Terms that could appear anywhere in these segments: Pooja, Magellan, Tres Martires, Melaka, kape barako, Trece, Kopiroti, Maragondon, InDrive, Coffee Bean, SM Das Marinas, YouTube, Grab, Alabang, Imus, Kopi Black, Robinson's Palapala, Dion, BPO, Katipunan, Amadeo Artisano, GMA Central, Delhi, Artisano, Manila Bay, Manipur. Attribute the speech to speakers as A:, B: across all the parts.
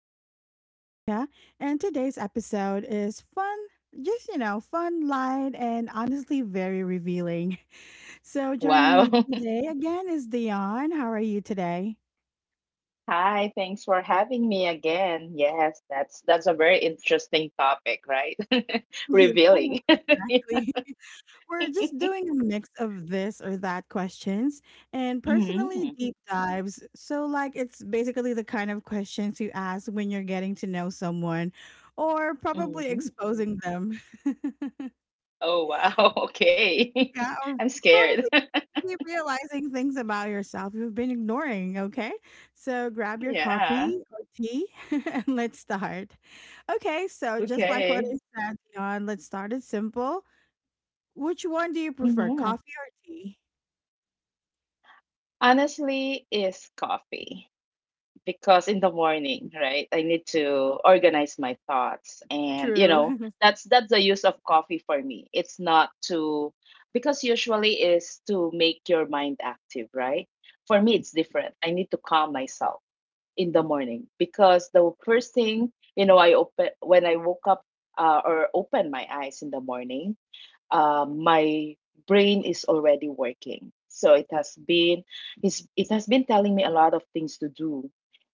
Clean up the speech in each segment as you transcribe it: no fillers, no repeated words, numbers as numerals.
A: I'm your host, Nika, and today's episode is fun, just, fun, light, and honestly very revealing. So, joining
B: Wow.
A: me today again is Dion. How are you today?
B: Hi, thanks for having me again. Yes, that's a very interesting topic, right?
A: Yeah,
B: Revealing.
A: exactly. We're just doing a mix of this or that questions and personally
B: hmm
A: deep dives. So, like, it's basically the kind of questions you ask when you're getting to know someone or probably
B: hmm
A: exposing them.
B: Oh, wow. Okay.
A: Yeah, or
B: I'm scared.
A: probably be realizing things about yourself you've been ignoring, okay? So grab your
B: Yeah.
A: coffee or tea and let's start. Okay, so just like what
B: Okay.
A: I said, Dion, let's start it simple. Which one do you prefer,
B: hmm
A: coffee or tea?
B: Honestly, is coffee. Because in the morning, right, I need to organize my thoughts. And you know,
A: True.
B: that's the use of coffee for me. It's not to, because usually is to make your mind active, right? For me it's different. I need to calm myself in the morning because the first thing, you know, I open when I woke up, or open my eyes in the morning, my brain is already working. So it has been telling me a lot of things to do,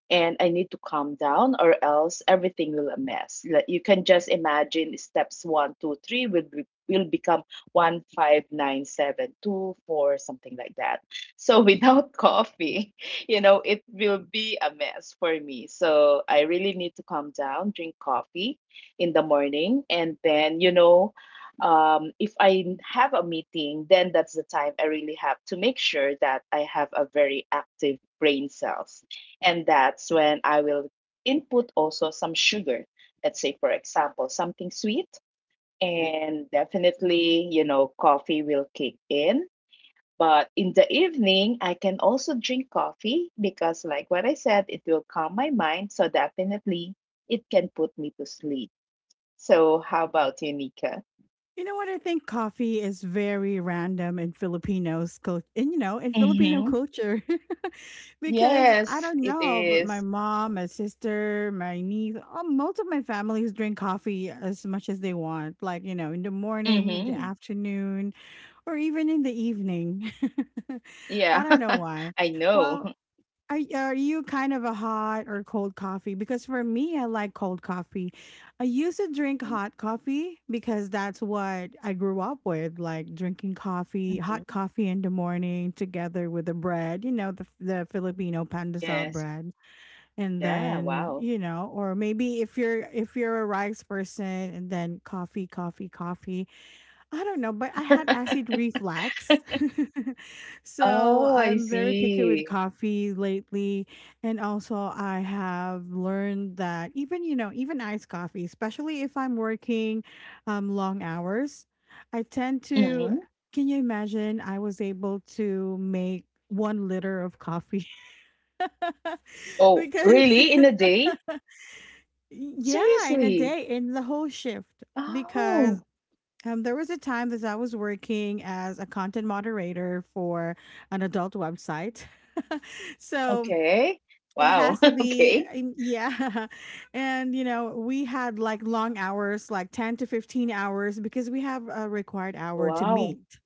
B: and I need to calm down or else everything will a mess. Like you can just imagine steps one, two, three will become one, five, nine, seven, two, four, something like that. So without coffee, you know, it will be a mess for me. So I really need to calm down, drink coffee in the morning, and then. If I have a meeting, then that's the time I really have to make sure that I have a very active brain cells, and that's when I will input also some sugar. Let's say, for example, something sweet. And definitely, you know, coffee will kick in. But in the evening, I can also drink coffee because, like what I said, it will calm my mind. So definitely, it can put me to sleep. So, how about you, Nika?
A: You know what? I think coffee is very random in Filipinos culture, and you know, in Filipino
B: Mm-hmm.
A: culture. Because I
B: Yes,
A: don't
B: it
A: know, but my
B: is.
A: mom, my sister, my niece, oh, most of my families drink coffee as much as they want, like, you know, in the morning, in the
B: Mm-hmm.
A: afternoon, or even in the evening. I
B: Yeah,
A: don't know why.
B: I know.
A: Well, are you kind of a hot or cold coffee? Because for me, I like cold coffee. I used to drink hot coffee because that's what I grew up with, like drinking coffee, hot
B: Mhm.
A: coffee in the morning together with the bread, you know, the Filipino pandesal
B: Yes.
A: bread. And
B: Yeah,
A: then,
B: wow.
A: you know, or maybe if you're a rice person and then coffee, coffee, coffee. I don't know, but I had acid reflux. So
B: Oh, I
A: I'm very picky with
B: see.
A: coffee lately. And also, I have learned that even, you know, even iced coffee, especially if I'm working long hours, I tend to.
B: Mhm.
A: Can you imagine? I was able to make 1 liter of coffee.
B: Oh,
A: Because,
B: really? In a day?
A: yeah, in a
B: Seriously?
A: day, in the whole shift.
B: Oh,
A: Because there was a time that I was working as a content moderator for an adult website. So
B: okay.
A: it
B: Wow.
A: has to be,
B: Okay.
A: yeah. And, you know, we had like long hours, like 10 to 15 hours, because we have a required hour to
B: Wow.
A: meet.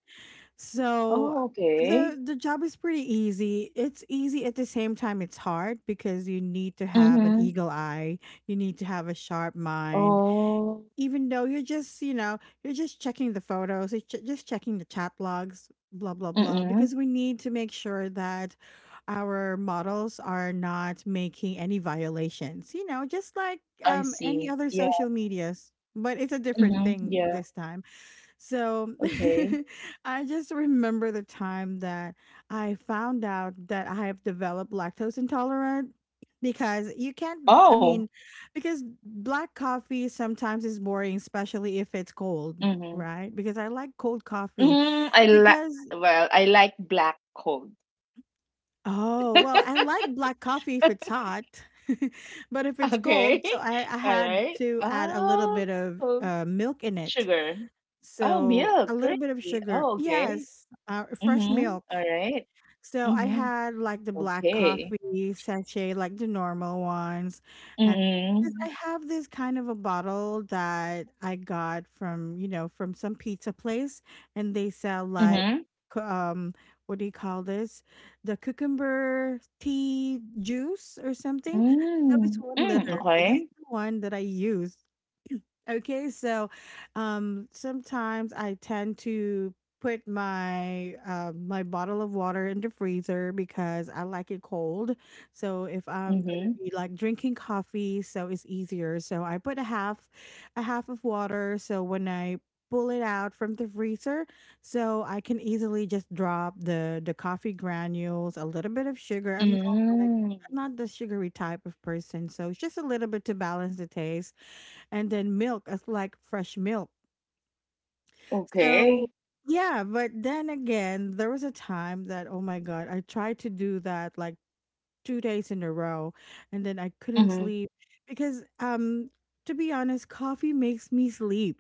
A: So
B: Oh, okay.
A: the job is pretty easy. It's easy at the same time it's hard because you need to have an
B: Mm-hmm.
A: eagle eye, you need to have a sharp mind,
B: Oh,
A: even though you're just checking the photos, just checking the chat logs, blah blah blah,
B: mm-mm.
A: because we need to make sure that our models are not making any violations, you know, just like
B: I
A: any
B: see.
A: other
B: Yeah.
A: social medias, but it's a different
B: Mm-hmm.
A: thing
B: Yeah.
A: this time. So
B: Okay.
A: I just remember the time that I found out that I have developed lactose intolerant because you can't, I
B: Oh.
A: mean, because black coffee sometimes is boring, especially if it's cold,
B: Mm-hmm.
A: right? Because I like cold coffee
B: Mm, I like,
A: because,
B: well, I like black cold.
A: oh, well, I like black coffee if it's hot, but if it's
B: Okay.
A: cold, so I
B: All
A: had
B: right.
A: to add a little
B: Oh,
A: bit of
B: oh,
A: milk in it.
B: sugar. Oh,
A: So
B: milk,
A: a little
B: great.
A: bit of sugar.
B: Oh, okay.
A: Yes, fresh
B: Mhm.
A: milk.
B: Alright.
A: So I
B: Mhm.
A: had like the black
B: Okay.
A: coffee sachet, like the normal ones. And because
B: Mm.
A: I have this kind of a bottle that I got from, you know, from some pizza place and they sell like,
B: Mhm.
A: cu- um, what do you call this? The cucumber tea juice or something. So it's
B: Mm.
A: one
B: Mm,
A: liter. So that's
B: okay.
A: the one that I used. Okay, so sometimes I tend to put my my bottle of water in the freezer because I like it cold. So if I'm gonna
B: Mhm.
A: be like drinking coffee, so it's easier. So I put a half, a half of water. So when I pull it out from the freezer, so I can easily just drop the coffee granules, a little bit of sugar.
B: Mm.
A: I'm not the sugary type of person, so it's just a little bit to balance the taste, and then milk as like fresh milk. So
B: Okay.
A: yeah, but then again, there was a time that oh my god, I tried to do that like 2 days in a row, and then I couldn't
B: Mhm.
A: sleep because to be honest, coffee makes me sleep.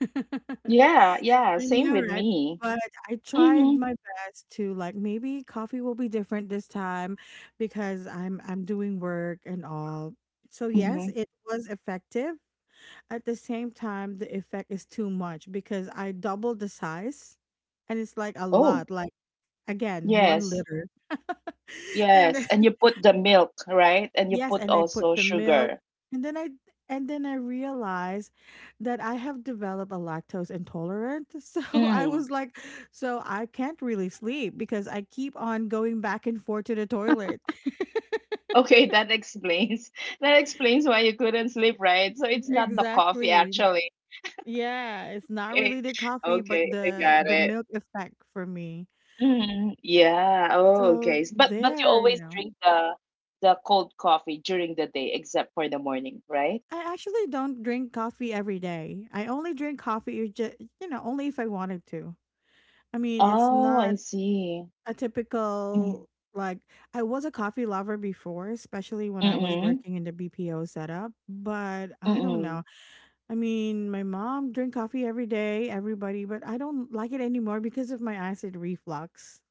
B: Yeah, yeah,
A: I
B: same
A: know,
B: with
A: right?
B: me.
A: But I tried
B: Mhm.
A: my best to like maybe coffee will be different this time because I'm doing work and all. So yes,
B: Mhm.
A: it was effective, at the same time the effect is too much because I doubled the size, and it's like a
B: Oh,
A: lot, like again one
B: yes.
A: liter And
B: Yes,
A: then,
B: and you put the milk, right? And you
A: yes,
B: put
A: and I put
B: also
A: the milk,
B: sugar.
A: and then I realized that I have developed a lactose intolerant. So I
B: Mm.
A: was like, so I can't really sleep because I keep on going back and forth to the toilet.
B: Okay, that explains that explains why you couldn't sleep, right? So it's not the coffee
A: Exactly,
B: actually.
A: yeah, it's not
B: Okay.
A: really the coffee but
B: Okay, I
A: the
B: got
A: the
B: it.
A: milk effect for me.
B: Mhm. Yeah. Oh,
A: So
B: okay. S- But you
A: there, you
B: always
A: know,
B: drink the cold coffee during the day except for the morning, right?
A: I actually don't drink coffee every day. I only drink coffee, just, you know, only if I wanted to. I mean, it's
B: Oh, I
A: not
B: see.
A: a
B: Mm-hmm.
A: typical, like, I was a coffee lover before, especially when I was
B: Mm-mm.
A: working in the BPO setup, but I don't know.
B: Mm-mm.
A: I mean, my mom drink coffee every day, everybody, but I don't like it anymore because of my acid reflux.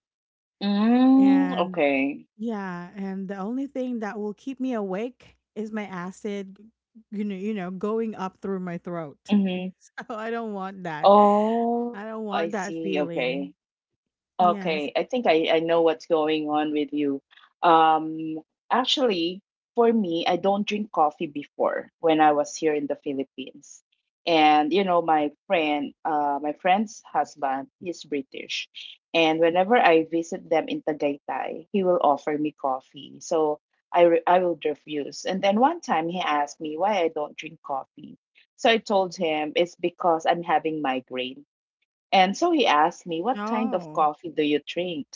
B: Mm,
A: And
B: okay.
A: yeah, and the only thing that will keep me awake is my acid, you know, going up through my throat.
B: Mm-hmm.
A: So I don't want that.
B: Oh,
A: I don't
B: I
A: want that
B: see.
A: feeling.
B: Okay.
A: Yes.
B: Okay, I think I know what's going on with you. Um, Actually, for me, I don't drink coffee before when I was here in the Philippines. And you know, my friend, my friend's husband is British. And whenever I visit them in Tagaytay, he will offer me coffee. So I will refuse. And then one time he asked me why I don't drink coffee. So I told him it's because I'm having migraine, and so he asked me, "What kind of
A: Oh,
B: coffee do you drink?"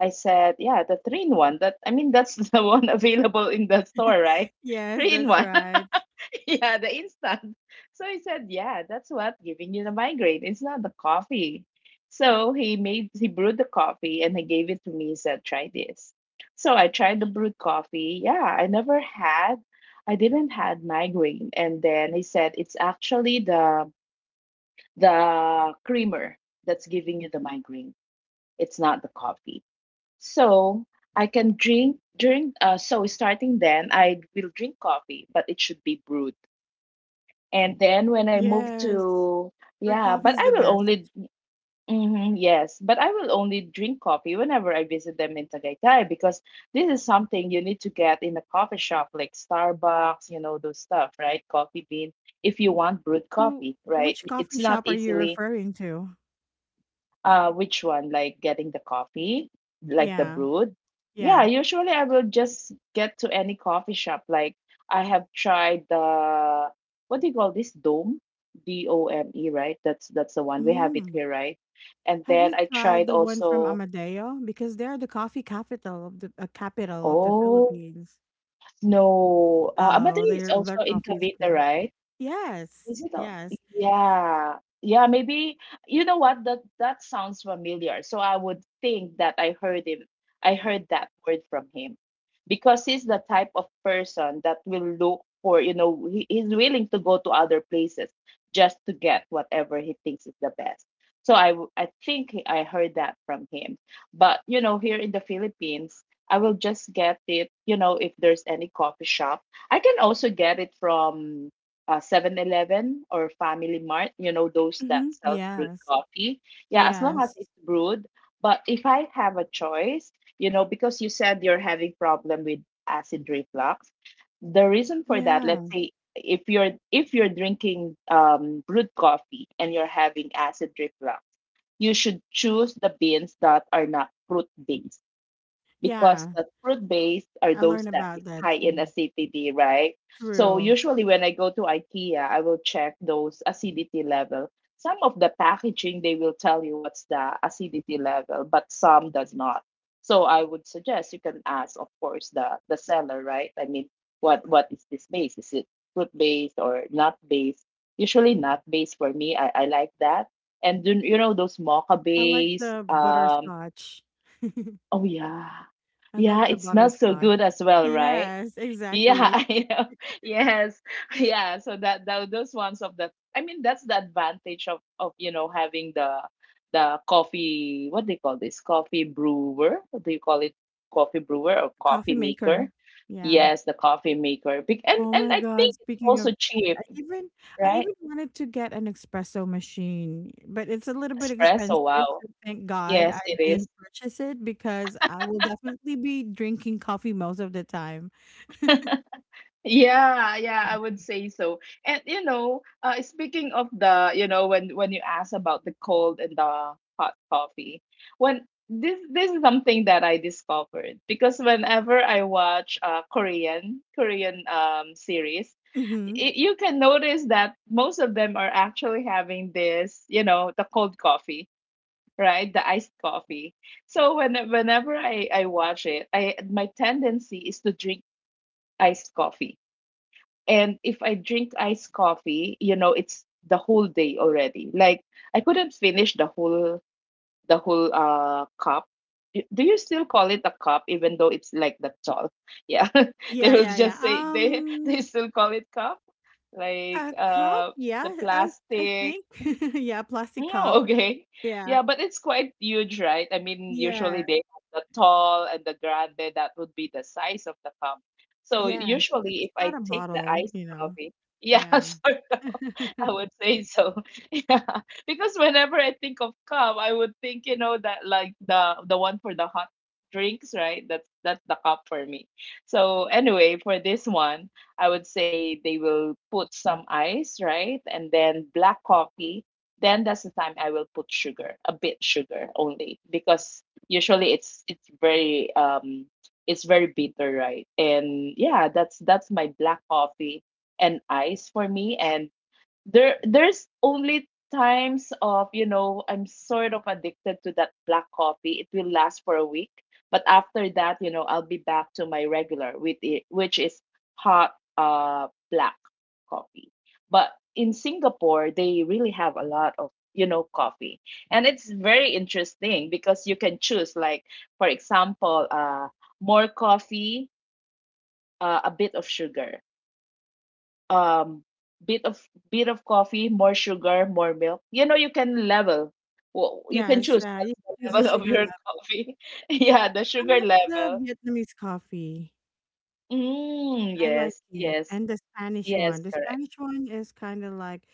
B: I said, "Yeah, the three in one." That, I mean that's the one available in the store, right?
A: yes,
B: Three in
A: that's
B: one.
A: right.
B: Yeah, the instant. So he said, "Yeah, that's what giving you the migraine. It's not the coffee." So he brewed the coffee and he gave it to me, he said, "Try this." So I tried the brewed coffee. Yeah, I didn't had migraine. And then he said it's actually the creamer that's giving you the migraine, it's not the coffee. So I can drink during so starting then I will drink coffee, but it should be brewed. And then when I move
A: Yes.
B: to
A: Bird
B: yeah,
A: coffee
B: but
A: is the
B: I will
A: best.
B: only yes, but I will only drink coffee whenever I visit them in Tagaytay because this is something you need to get in a coffee shop like Starbucks, you know, those stuff, right? Coffee bean, if you want brewed
A: So,
B: coffee, right?
A: which
B: It's
A: coffee
B: not
A: shop are you
B: easily.
A: referring to?
B: Which one? Like getting the coffee, like the
A: Yeah.
B: brewed? Yeah,
A: Yeah.
B: usually I will just get to any coffee shop. Like I have tried the what do you call this? Dome, D O M E, right? That's the one we have it
A: Mm.
B: here, right? And
A: Have you
B: then I
A: tried
B: tried
A: the one from
B: also.
A: Amadeo? Because they're the coffee capital of the
B: Oh
A: Philippines.
B: no,
A: Oh,
B: Amadeo is
A: their
B: also in
A: coffee is
B: Cavite,
A: good.
B: right?
A: Yes,
B: Is it all?
A: yes.
B: Yeah. Yeah, maybe you know what, that sounds familiar. So I would think that I heard him. I heard that word from him because he's the type of person that will look for, you know, he's willing to go to other places just to get whatever he thinks is the best. So I w- I think he- I heard that from him. But, you know, here in the Philippines, I will just get it, you know, if there's any coffee shop. I can also get it from 7 or Family Mart, you know, those that
A: Mhm.
B: sells brewed
A: Yes.
B: coffee. Yeah, as long as
A: Yes.
B: it's brewed. But if I have a choice, you know, because you said you're having problem with acid reflux, the reason for that, let's
A: Yeah.
B: say if you're drinking brewed coffee and you're having acid reflux, you should choose the beans that are not fruit based, because
A: Yeah.
B: the fruit based are
A: I
B: those
A: learned
B: that is
A: about that
B: high in
A: too.
B: acidity, right? So
A: True.
B: usually when I go to IKEA, I will check those acidity level. Some of the packaging they will tell you what's the acidity level, but some does not. So I would suggest you can ask, of course, the seller, right? I mean, what is this base? Is it fruit based or nut based? Usually nut based for me. I like that. And then, you know those mocha
A: I like
B: base.
A: the butterscotch.
B: Oh yeah,
A: I love
B: yeah,
A: the
B: it smells so good
A: butterscotch.
B: as well, right?
A: Yes,
B: Yeah,
A: exactly.
B: I know. Yes. Yeah, so that, those ones of the, I mean that's the advantage of you know having the coffee, what they call this coffee brewer, what do you call it, coffee brewer or
A: Coffee
B: coffee maker,
A: maker. Yeah.
B: yes the coffee maker. Bec-
A: Oh
B: and
A: my
B: I
A: god,
B: think it's
A: speaking of
B: also
A: that,
B: cheap,
A: I even I
B: right?
A: even wanted to get an espresso machine, but it's a little bit
B: Espresso,
A: expensive,
B: wow,
A: so thank God I
B: yes it is.
A: didn't purchase it because I will definitely be drinking coffee most of the time.
B: Yeah, yeah, I would say so. And you know, speaking of the, you know, when you ask about the cold and the hot coffee, when this is something that I discovered because whenever I watch Korean, series,
A: Mm-hmm.
B: y- you can notice that most of them are actually having this, you know, the cold coffee, right? The iced coffee. So when whenever I watch it, I my tendency is to drink iced coffee, and if I drink iced coffee, you know, it's the whole day already. Like I couldn't finish the whole cup. Y- Do you still call it a cup even though it's like that tall? Yeah. They
A: Yeah,
B: will
A: yeah, yeah.
B: just say they they still call it cup. Like
A: A cup.
B: the
A: Yeah, I
B: plastic.
A: think. Yeah, plastic
B: Oh,
A: cup.
B: okay.
A: Yeah,
B: Yeah, but it's quite huge, right? I mean,
A: yeah,
B: usually they have the tall and the grande, that would be the size of the cup. So
A: yeah. Because
B: usually
A: it's
B: if
A: not
B: I
A: a
B: take the
A: bottle,
B: iced
A: you know.
B: coffee, yeah,
A: Yeah.
B: sorry. I would say so. Yeah. Because whenever I think of cup, I would think, you know, that like the one for the hot drinks, right? That's the cup for me. So anyway, for this one, I would say they will put some ice, right? And then black coffee. Then that's the time I will put sugar, a bit sugar only, because usually it's very it's very bitter, right? And yeah, that's my black coffee and ice for me, and there's only times of you know I'm sort of addicted to that black coffee, it will last for a week, but after that you know I'll be back to my regular with it, which is hot black coffee. But in Singapore they really have a lot of, you know, coffee, and it's very interesting because you can choose, like for example more coffee, a bit of sugar, um bit of bit of coffee, more sugar, more milk. You know, you can level. Wo- You can
A: Yes.
B: choose what's
A: You
B: the
A: can use a
B: level of
A: sugar level.
B: your coffee. Yeah, the
A: I
B: sugar
A: like the
B: level.
A: Vietnamese coffee.
B: Mm,
A: I like
B: yes,
A: it.
B: yes,
A: And the Spanish
B: yes,
A: one. The
B: correct.
A: Spanish one is kind of like,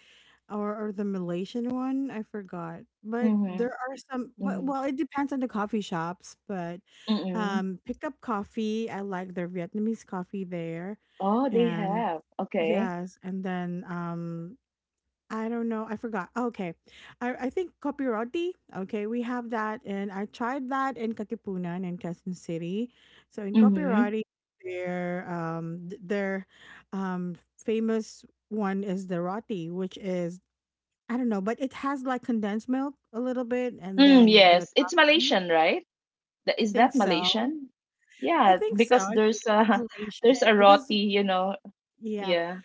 A: or the Malaysian one, I forgot. But
B: Mm-hmm,
A: there are some, but,
B: mm-hmm,
A: well, it depends on the coffee shops. But
B: mm-hmm.
A: pick up coffee. I like their Vietnamese coffee there.
B: Oh, they
A: And
B: have. Okay.
A: yes, and then I don't know. I forgot. Oh, okay. I think Kopiroti. Okay, we have that. And I tried that in Katipunan and Quezon City. So in
B: Mm-hmm.
A: Kopiroti, their famous one is the roti, which is, I don't know, but it has like condensed milk a little bit and
B: Mm,
A: then the
B: yes, it's
A: coffee.
B: Malaysian, right? Th-
A: I
B: Is
A: think
B: that
A: so.
B: Malaysian?
A: I
B: Yeah,
A: think so.
B: because
A: I think
B: there's
A: it's
B: a there's
A: Malaysian
B: a
A: because
B: roti, you know.
A: yeah.
B: Yeah.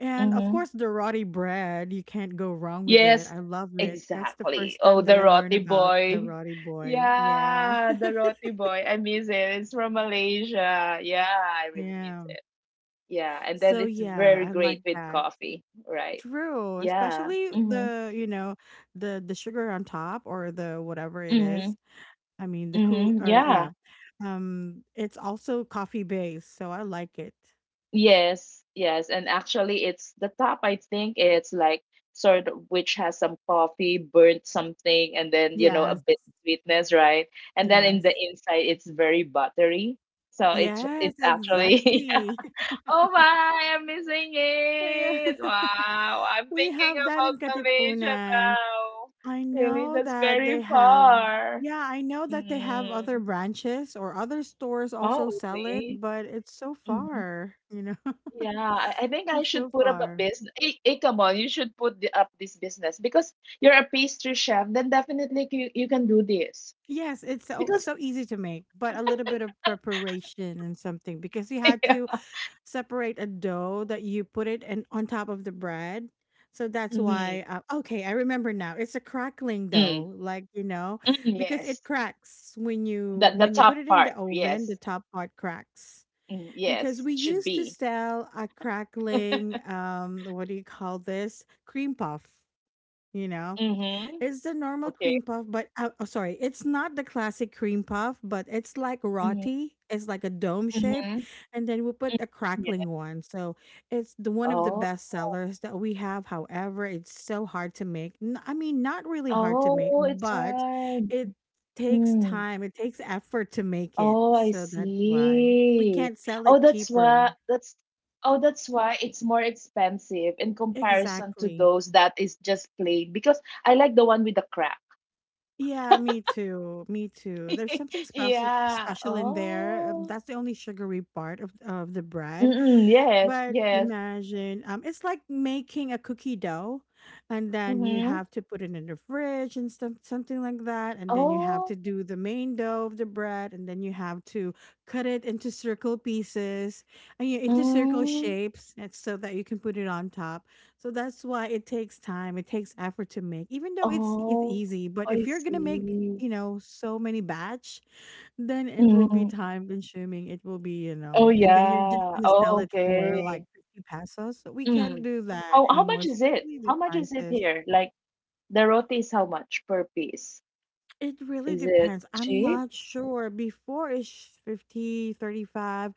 A: And of
B: Mm-hmm.
A: course, the roti bread, you can't go wrong with it.
B: Yes,
A: I love it. That's the
B: exactly.
A: first
B: Oh,
A: time that
B: the
A: I learned
B: roti
A: about the
B: boy.
A: roti boy. Yeah.
B: Yeah, the roti boy. I miss it. It's from Malaysia. Yeah, I really miss
A: Yeah.
B: it. Yeah, and then
A: So
B: it's
A: yeah,
B: very
A: I like
B: great with
A: that.
B: coffee, right?
A: True,
B: Yeah.
A: especially
B: Mhm.
A: the, you know, the sugar on top or the whatever it is.
B: Mhm.
A: I mean, the cool
B: Mhm.
A: or
B: Yeah.
A: yeah. Um, it's also coffee based, so I like it.
B: Yes, yes, and actually, it's the top. I think it's like sort of which has some coffee, burnt something, and then you know a
A: Yes.
B: bit sweetness, right? And then in the
A: Yes.
B: inside, it's very buttery. So it's
A: Yes,
B: it's actually
A: exactly.
B: oh my, I'm missing
A: Yeah.
B: it. Wow, I'm
A: We
B: thinking
A: have that
B: about
A: in
B: Malaysia
A: Katipunan.
B: now.
A: I
B: Really,
A: know
B: that's
A: that
B: very
A: they have,
B: far.
A: yeah, I know that they have other
B: Mm.
A: branches or other stores also
B: Oh,
A: sell it,
B: really?
A: but it's so
B: Mm-hmm.
A: far, you know.
B: Yeah, I think I
A: It's
B: should
A: so
B: put up a
A: far.
B: business. Hey, hey, come on, you should put the, up this business because you're a pastry chef. Then definitely you, you can do this
A: Yes, it's so,
B: because
A: so easy to make, but a little bit of preparation and something because you had to
B: yeah.
A: separate a dough that you put it and on top of the bread. So that's
B: Mm,
A: why, okay, I remember now. It's a crackling
B: mm,
A: dough, like, you know,
B: mm,
A: because it
B: yes,
A: cracks when you
B: the
A: when you put
B: top
A: it in
B: part,
A: the oven, the
B: yes,
A: top part cracks.
B: mm,
A: Because
B: yes,
A: we
B: should
A: used to
B: be.
A: sell a crackling what do you call this, cream puff, you know,
B: Mm-hmm.
A: it's the normal
B: Okay.
A: cream puff, but oh, sorry, it's not the classic cream puff, but it's like
B: Mm-hmm.
A: roti. It's like a dome shape,
B: Mm-hmm.
A: and then we put
B: Mm-hmm.
A: a
B: Yeah.
A: crackling one. So it's the one of the
B: Oh,
A: best sellers that we have. However, it's so hard to make. I mean, not really hard to make,
B: oh, it's
A: but
B: hard.
A: it takes
B: Mm.
A: time. It takes effort to make it.
B: Oh, I
A: So that's why we
B: see.
A: can't sell
B: Oh,
A: it
B: that's why
A: cheaper.
B: that's oh, that's why it's more expensive in comparison to
A: Exactly.
B: those that is just plain because I like the one with the crack.
A: Yeah, me too, me too. There's something special
B: Yeah.
A: special in there.
B: Oh.
A: That's the only sugary part of the bread.
B: Mm-mm, yes,
A: But
B: yes.
A: imagine, it's like making a cookie dough, and then you
B: Mm-hmm.
A: have to put it in the fridge and stuff, something like that. And then you have to
B: Oh.
A: do the main dough of the bread, and then you have to cut it into circle pieces and you, into circle
B: Mm.
A: shapes, and so that you can put it on top. So that's why it takes time, it takes effort to make, even though it's
B: Oh,
A: easy. But
B: I
A: if you're gonna make,
B: see.
A: so many batch, then it will be
B: Mm.
A: time consuming. It will be,
B: Oh
A: and then you're just
B: yeah.
A: gonna
B: Oh,
A: sell it for like
B: okay.
A: 50 pesos. We can't
B: Mm.
A: do that
B: How
A: anymore,
B: much is it?
A: especially the
B: How much is it
A: prices.
B: here? Like the roti is how much per piece?
A: It really
B: Is it
A: depends. I'm
B: cheap?
A: not sure. Before it's 50, 35.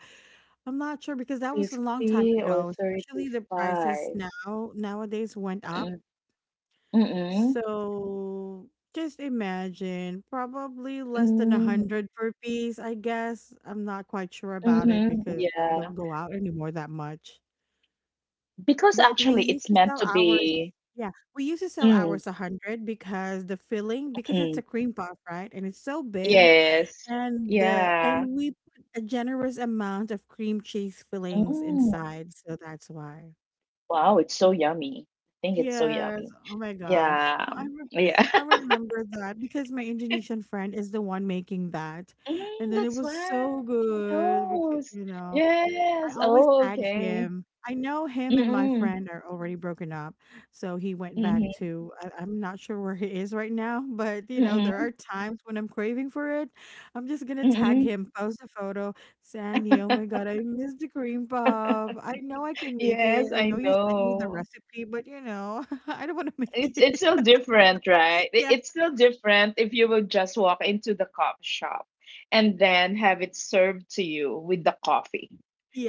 A: I'm not sure because that was a long time
B: 50 or
A: ago, especially the prices
B: 35?
A: now nowadays went up.
B: Mm, mm,
A: So just imagine, probably less than a
B: mm,
A: hundred per piece, I guess. I'm not quite sure about it
B: mhm,
A: because I don't
B: yeah.
A: go out anymore that much.
B: Because
A: But we
B: actually
A: used
B: it's
A: to
B: meant
A: sell
B: to
A: ours.
B: be
A: Yeah, we used to sell
B: mm,
A: ours 100 because the filling, because it's
B: mm,
A: a cream puff, right? And it's so big,
B: yes.
A: and the
B: Yeah.
A: and we put a generous amount of cream cheese fillings
B: Mm.
A: inside, so that's why.
B: Wow, it's so yummy. I think it's so
A: Yes.
B: yummy.
A: Oh my gosh.
B: Yeah. Yeah.
A: I remember that because my Indonesian friend is the one making that. And
B: Mm,
A: then it
B: that's
A: was
B: why
A: so
B: he
A: good because,
B: knows.
A: you know. I
B: Yes.
A: always
B: Oh,
A: tag
B: okay.
A: him. I know him and my
B: Mm-mm.
A: friend are already broken up. So he went back
B: Mm-hmm.
A: to, I'm not sure where he is right now, but you know, there
B: Mm-mm.
A: are times when I'm craving for it. I'm just going to tag
B: Mm-mm.
A: him, post a photo. Sandy, oh my God, I miss the cream puff. I know I can make it.
B: Yes,
A: I
B: I
A: know you sent me the
B: know.
A: recipe, but I don't want to make
B: It's
A: it.
B: still different, right? It-
A: Yeah.
B: It's still different if you would just walk into the coffee shop and then have it served to you with the coffee,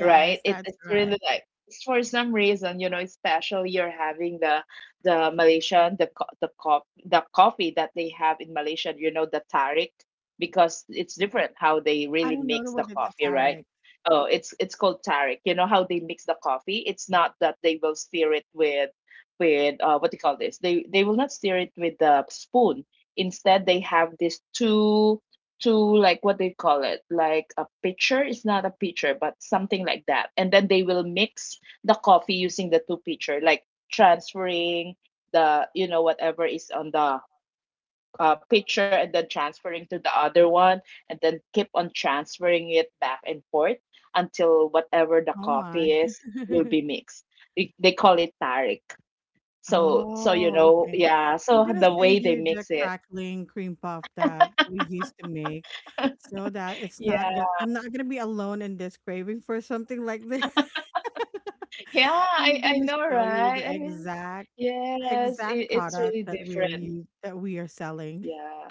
B: right? It,
A: that's
B: it's really
A: right.
B: like it's for some reason, you know, especially you're having the Malaysian the co- the co- the coffee that they have in Malaysia, you know, the tarik, because it's different how they
A: I
B: really
A: don't know
B: mix the
A: what the
B: coffee, right?
A: tarek.
B: Oh, it's called tarik. You know how they mix the coffee? It's not that they will stir it with what do you call this? They will not stir it with the spoon. Instead, they have this two two like what they call it like a pitcher. It's not a pitcher, but something like that. And then they will mix the coffee using the two pitcher, like transferring the you know whatever is on the pitcher and then transferring to the other one and then keep on transferring it back and forth until whatever the
A: Oh my.
B: coffee is will be mixed. They call it tarik. So so you
A: Oh,
B: know,
A: okay.
B: yeah.
A: I'm
B: So
A: gonna
B: the way
A: send
B: they
A: you the
B: mix it,
A: crackling cream puff that we used to make so that it's
B: yeah,
A: not gonna I'm not gonna be alone in this craving for something like this.
B: yeah. I
A: I'm
B: I
A: gonna
B: know,
A: show you the
B: right? I mean,
A: exact
B: yes, it,
A: exact
B: it's
A: product
B: really
A: that we are
B: different.
A: use that we are selling.
B: Yeah,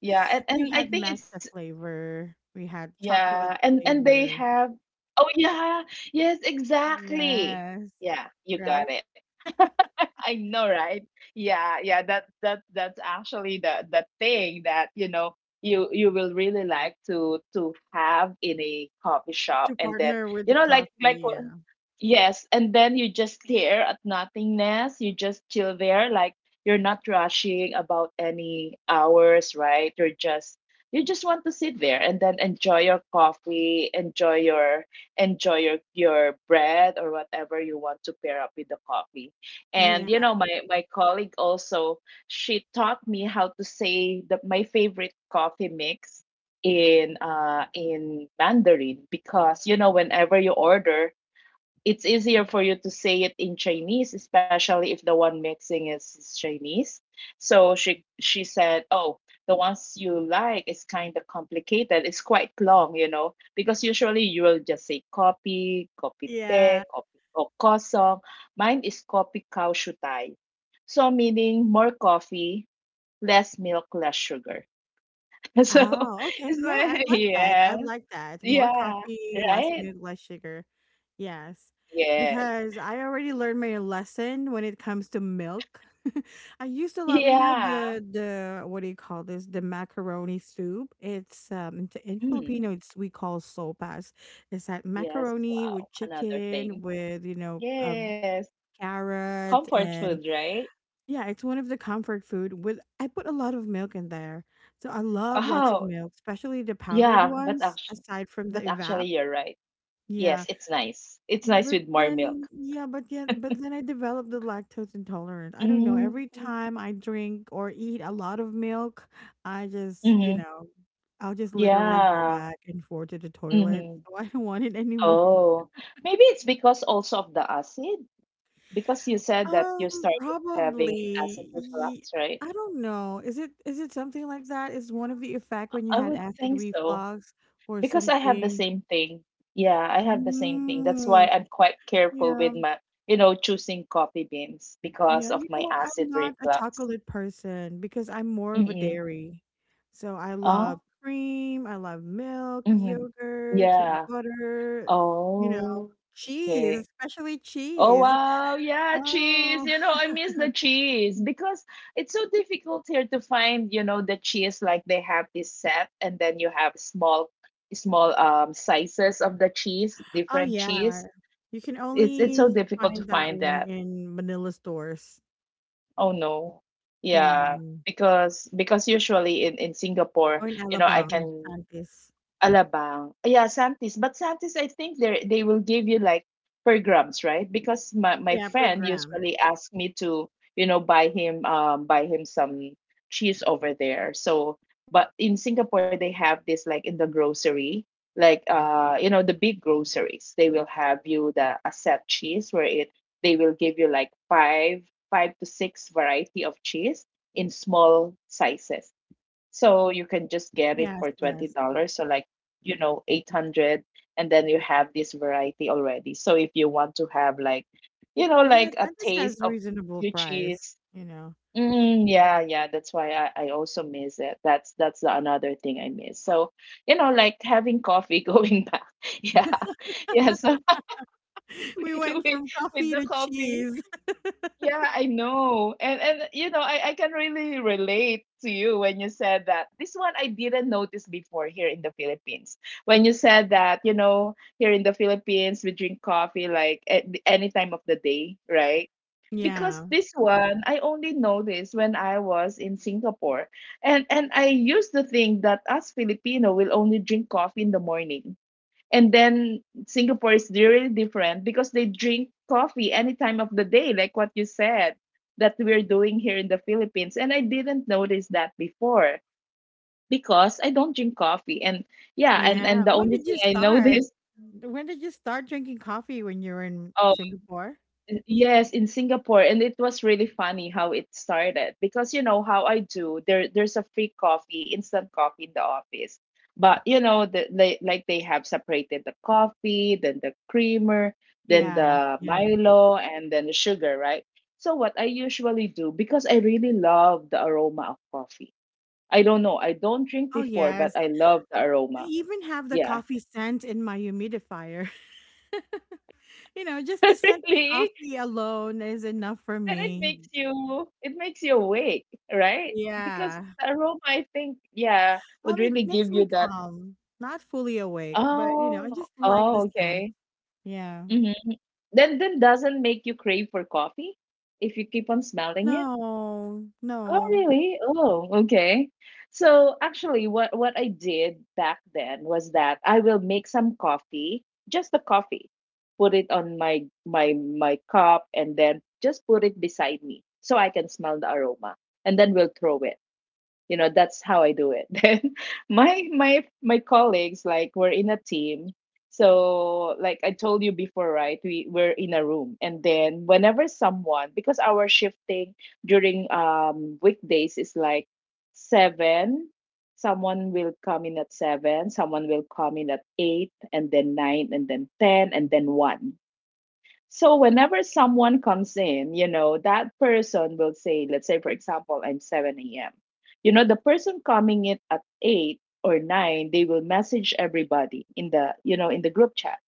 B: yeah,
A: We
B: and
A: had
B: I think
A: matcha
B: it's
A: flavor, we had chocolate
B: yeah, and they
A: flavor.
B: have. Oh yeah, yes, exactly.
A: Yes.
B: Yeah, you
A: Right?
B: got it. I know, right? Yeah, yeah. That that that's actually the thing that you know you you will really like to have in a coffee shop,
A: To
B: and then
A: partner with
B: you
A: the
B: know, like
A: coffee,
B: what-
A: yeah.
B: yes, and then you just stare at nothingness. You just chill there, like you're not rushing about any hours, right? You're just you just want to sit there and then enjoy your coffee, enjoy your bread or whatever you want to pair up with the coffee and
A: Yeah.
B: you know, my colleague also, she taught me how to say the my favorite coffee mix in Mandarin because you know, whenever you order, it's easier for you to say it in Chinese, especially if the one mixing is Chinese. So she said, "Oh, the ones you like is kind of complicated. It's quite long, you know, because usually you will just say copy, copy
A: Yeah.
B: te, copy or kosong. Mine is copy cow shutai. So meaning more coffee, less milk, less sugar. So
A: Oh, okay,
B: it's
A: yeah, I
B: like
A: like that, I
B: yes,
A: like that. More
B: yeah,
A: coffee, less
B: right,
A: milk, less sugar. Yes,
B: yes,
A: because I already learned my lesson when it comes to milk. I used to love,
B: yeah.
A: the what do you call this? The macaroni soup. It's in
B: Mm.
A: Filipino, it's we call sopas. It's that
B: Yes,
A: macaroni
B: wow,
A: with
B: another
A: chicken
B: thing.
A: with
B: Yes,
A: carrots
B: comfort
A: and
B: food, right?
A: yeah, it's one of the comfort food with I put a lot of milk in there. So I love lots of
B: Oh,
A: milk, especially the powdered
B: yeah,
A: ones, aside from the
B: but actually,
A: evap.
B: you're right.
A: Yeah.
B: Yes, it's nice. It's nice
A: But
B: with more milk.
A: then yeah, but then I developed the lactose intolerant. I don't know.
B: Mm,
A: Every time I drink or eat a lot of milk, I just, you
B: mm-hmm.
A: know, I'll just literally go
B: Yeah.
A: back and forth to the toilet.
B: Mm-hmm.
A: So I don't want it anymore.
B: Oh, maybe it's because also of the acid, because you said that you started having acid
A: Probably, ye
B: reflux, right?
A: I don't know. Is it something like that? Is one of the effect
B: I
A: when you
B: I
A: had
B: would
A: acid
B: think so.
A: reflux or
B: Because I have the
A: something?
B: same thing. Yeah, I have the same thing. That's why
A: Mm,
B: I'm quite careful
A: yeah,
B: with my, you know, choosing coffee beans
A: yeah.
B: because of
A: You know
B: my
A: what?
B: acid
A: I'm not a
B: reflux.
A: chocolate person because I'm more of a
B: Mm-mm.
A: dairy. So I
B: Oh,
A: love cream, I love milk,
B: mm-hmm.
A: yogurt,
B: Yeah.
A: butter, you know,
B: Oh,
A: cheese,
B: okay.
A: especially
B: Oh,
A: cheese.
B: wow. Yeah, cheese.
A: Oh.
B: You know, I miss the cheese because it's so difficult here to find, you know, the cheese like they have this set and then you have small small sizes of the cheese,
A: Oh,
B: different
A: yeah.
B: cheese.
A: You can
B: It's so
A: only
B: difficult to
A: find that
B: find
A: one
B: that.
A: in Manila stores.
B: Oh, no.
A: Yeah.
B: Yeah, because usually in Singapore,
A: Or in
B: you know, I
A: Alabang,
B: can
A: Santis.
B: Alabang. Yeah, Santis. But Santis, I think they will give you like per grams, right? Because my
A: Yeah, per
B: friend
A: gram.
B: usually asked me to, you know, buy him some cheese over there. So, but in Singapore they have this like in the grocery, like you know the big groceries. They will have you the a set cheese where it they will give you like five five to six variety of cheese in small sizes so you can just get it
A: Yes,
B: for
A: yes.
B: $20. So like, you know, 800 and then you have this variety already. So if you want to have like, you know,
A: Yeah,
B: like a
A: Santis
B: taste
A: has
B: of
A: reasonable
B: few
A: price,
B: cheese.
A: you know.
B: Mm, yeah, yeah, that's why I also miss it. That's the another thing I miss. So, you know, like having coffee going back. Yeah. Yeah, so with,
A: We went
B: with,
A: from
B: with
A: coffee
B: the
A: to
B: coffee
A: cheese.
B: yeah, I know. And you know, I can really relate to you when you said that. This one I didn't notice before here in the Philippines. When you said that, you know, here in the Philippines we drink coffee like at the- any time of the day, right? Because
A: Yeah.
B: this one I only noticed when I was in Singapore. And I used to think that us Filipino will only drink coffee in the morning. And then Singapore is really different because they drink coffee any time of the day, like what you said that we're doing here in the Philippines. And I didn't notice that before because I don't drink coffee. And yeah,
A: Yeah.
B: and the
A: When
B: only
A: did you
B: thing I
A: start?
B: noticed
A: When did you start drinking coffee when you were in Singapore?
B: N- Yes, in Singapore, and it was really funny how it started because you know how I do. There, there's a free coffee, instant coffee in the office, but you know the, they like they have separated the coffee, then the creamer, then
A: Yeah.
B: the
A: Yeah.
B: Milo, and then the sugar, right? So what I usually do because I really love the aroma of coffee. I don't know, I don't drink
A: Oh,
B: before, but
A: yes.
B: I love the
A: I
B: aroma.
A: even have the
B: Yeah,
A: coffee scent in my humidifier. You know, just the scent of
B: really.
A: coffee alone is enough for
B: And
A: me.
B: it makes you awake, right? Because
A: Yeah.
B: the aroma, I think, yeah, would
A: It
B: really
A: makes
B: give you
A: me
B: that,
A: calm, not fully awake, but you know, I
B: "Oh,
A: just like the
B: oh,
A: scent.
B: okay."
A: Yeah.
B: Mhm. Then doesn't make you crave for coffee if you keep on smelling it?
A: No,
B: Oh,
A: no.
B: really? Oh, okay. So actually what I did back then was that I will make some coffee, just the coffee. Put it on my my my cup and then just put it beside me so I can smell the aroma and then we'll throw it you know that's how I do it. Then my colleagues like we're in a team, so like I told you before, right, we we're in a room, and then whenever someone because our shifting during weekdays is like 7, someone will come in at 7, someone will come in at 8 and then 9 and then 10 and then 1. So whenever someone comes in, you know, that person will say, let's say for example, I'm 7 a.m. You know, the person coming in at eight or nine, they will message everybody in the, you know, in the group chat.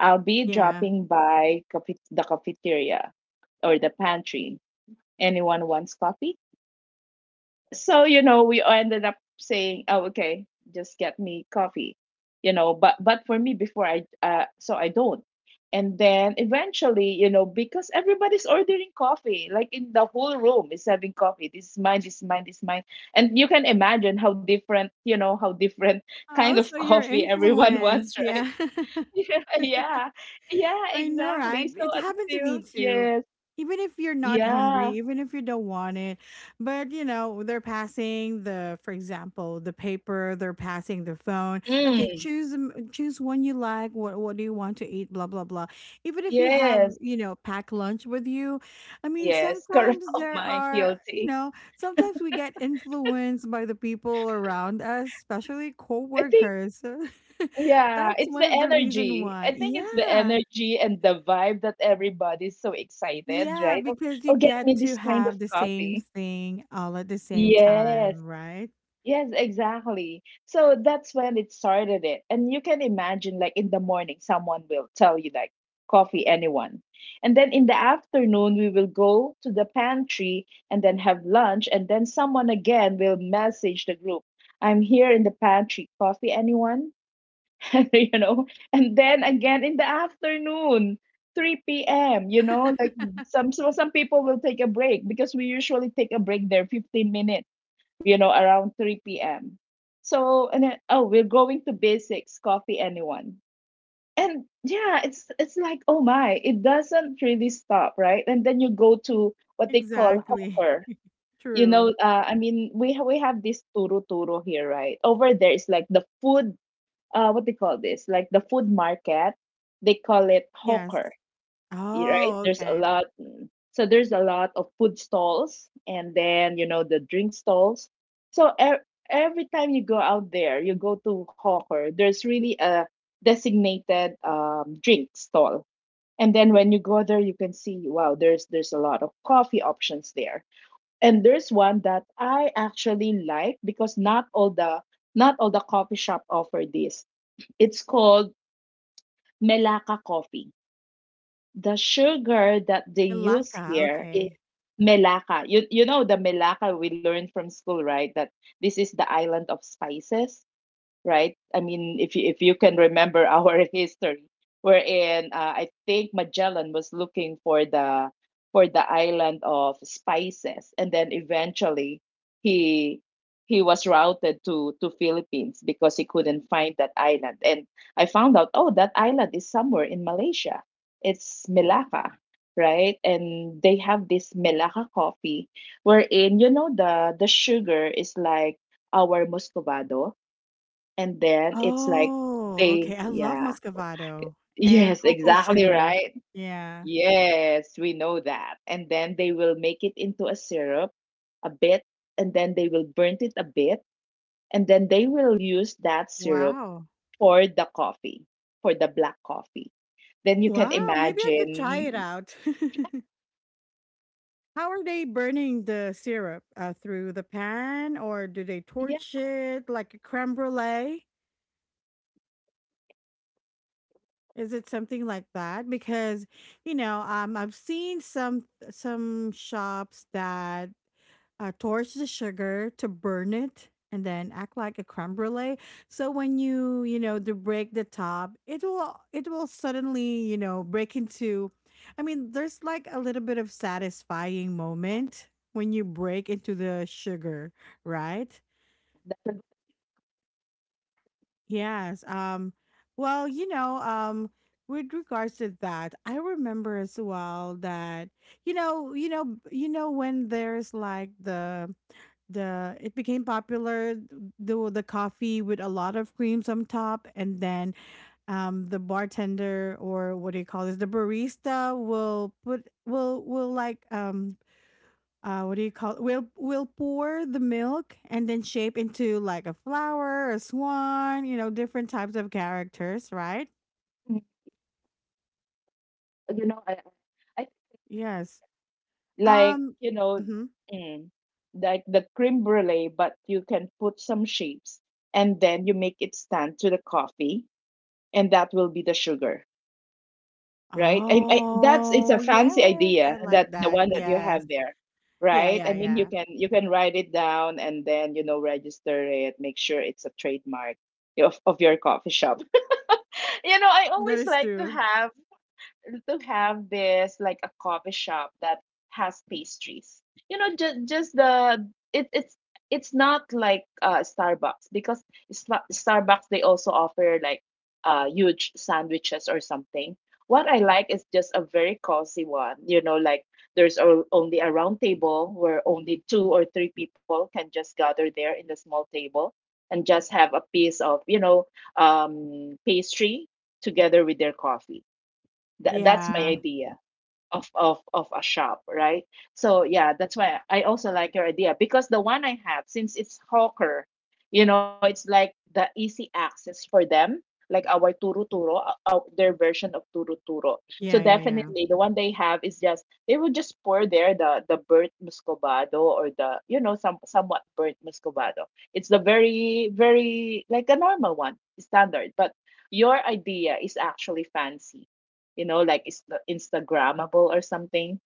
B: I'll be
A: Yeah.
B: dropping by cafe- the cafeteria or the pantry. Anyone wants coffee? So you know we ended up saying oh okay, just get me coffee, you know. But for me before I so I don't. And then eventually, you know, because everybody's ordering coffee, like in the whole room is having coffee, this is mine, this is mine, this is mine. And you can imagine how different you know how different kind
A: Oh,
B: of
A: so you're
B: coffee everyone
A: influenced.
B: wants, right?
A: Yeah.
B: Yeah, yeah, yeah,
A: I know,
B: exactly.
A: right?
B: So
A: It happened to
B: until
A: me too.
B: yes
A: Even if you're not hungry,
B: yeah,
A: even if you don't want it, but you know, they're passing the, for example, the paper, they're passing the phone. Okay,
B: mm,
A: choose one you like. What do you want to eat? Blah blah blah. Even if you have,
B: yes.
A: you know, packed lunch with you, I mean,
B: Yes, correct.
A: sometimes
B: Oh
A: there
B: my,
A: are, you
B: guilty.
A: know, sometimes we get influenced by the people around us, especially
B: I think,
A: coworkers.
B: yeah,
A: That's
B: it's
A: one
B: the
A: of the reason
B: energy.
A: why.
B: I think it's the
A: Yeah.
B: energy and the vibe that everybody's so excited,
A: Yeah,
B: right? Oh,
A: because you
B: oh, get
A: get
B: me
A: to
B: this kind of
A: have the same
B: coffee.
A: thing all at the same
B: Yes.
A: time, right?
B: Yes, exactly. So that's when it started it. And you can imagine like in the morning someone will tell you like coffee anyone. And then in the afternoon we will go to the pantry and then have lunch and then someone again will message the group. I'm here in the pantry, coffee anyone? you know. And then again in the afternoon, 3 p.m., you know, like some people will take a break because we usually take a break there 15 minutes, you know, around 3 p.m. So and then, oh, we're going to basics, coffee anyone. And yeah, it's like, oh my, it doesn't really stop, right? And then you go to what they call
A: Exactly.
B: hawker.
A: True.
B: I mean, we have this turu turu here, right? Over there is like the food, what they call this, like the food market. They call it
A: Yes.
B: hawker, right?
A: Oh,
B: There's a
A: okay.
B: lot. So there's a lot of food stalls and then, you know, the drink stalls. So every time you go out there, you go to hawker, there's really a designated drink stall. And then when you go there, you can see, wow, there's a lot of coffee options there. And there's one that I actually like because not all the coffee shop offer this. It's called Melaka Coffee. The sugar that they use
A: Ilaka.
B: here is
A: Okay.
B: melaka. You know the melaka we learned from school, right? That this is the island of spices, right? I mean, if you can remember our history, wherein I think Magellan was looking for the island of spices, and then eventually he he was routed to Philippines because he couldn't find that island. And I found out, oh, that island is somewhere in Malaysia. It's Melaka, right? And they have this Melaka coffee, wherein you know the sugar is like our Muscovado, and then it's like
A: Oh,
B: they,
A: okay. I love
B: yeah.
A: Muscovado and
B: Yes,
A: cocoa
B: exactly
A: sugar.
B: right.
A: Yeah.
B: Yes, we know that. And then they will make it into a syrup a bit, and then they will burn it a bit, and then they will use that syrup
A: Wow.
B: for the coffee, for the black coffee. Then you can
A: Wow. Maybe I could try it
B: imagine,
A: out. How are they burning the syrup? Through the pan or do they
B: yeah,
A: torch it like a creme brulee? Is it something like that? Because you know, I've seen some shops that torch the sugar to burn it and then act like a creme brulee. So when you know to break the top, it will suddenly you know break into. I mean, there's like a little bit of satisfying moment when you break into the sugar, right?
B: that's
A: Yes. Well, with regards to that, I remember as well that you know when there's like the it became popular the coffee with a lot of creams on top, and then the bartender or what do you call this the barista will put will like what do you call it? We'll pour the milk and then shape into like a flower a swan you know different types of characters right
B: a, you know, I
A: yes
B: like,
A: um
B: you know,
A: mhm.
B: mm, like the creme brulee, but you can put some shapes and then you make it stand to the coffee, and that will be the sugar, right? That's it's a
A: Oh
B: fancy
A: yes
B: idea
A: I like
B: that the
A: that
B: one that you
A: yes
B: have there,
A: yeah
B: right? I
A: yeah
B: mean, you
A: yeah
B: can you can write it down and then, you know, register it, make sure it's a trademark of your coffee shop. You know, I
A: that
B: always
A: is
B: like
A: true
B: to have this like a coffee shop that has pastries. You know, just the it's it's not like Starbucks because it's not, Starbucks they also offer like huge sandwiches or something. What I like is just a very cozy one. You know, like there's only a round table where only two or three people can just gather there in the small table and just have a piece of, you know, pastry together with their coffee. That's my
A: yeah
B: idea of of a shop, right? So yeah, that's why I also like your idea, because the one I have, since it's hawker, you know, it's like the easy access for them, like our turu turo, their version of turu turo. So
A: yeah yeah yeah
B: definitely, the one they have is just they will just pour there the burnt muscovado or the, you know, some somewhat burnt muscovado. It's the very like a normal one, standard, but your idea is actually fancy, you know, like it's the Instagrammable or something.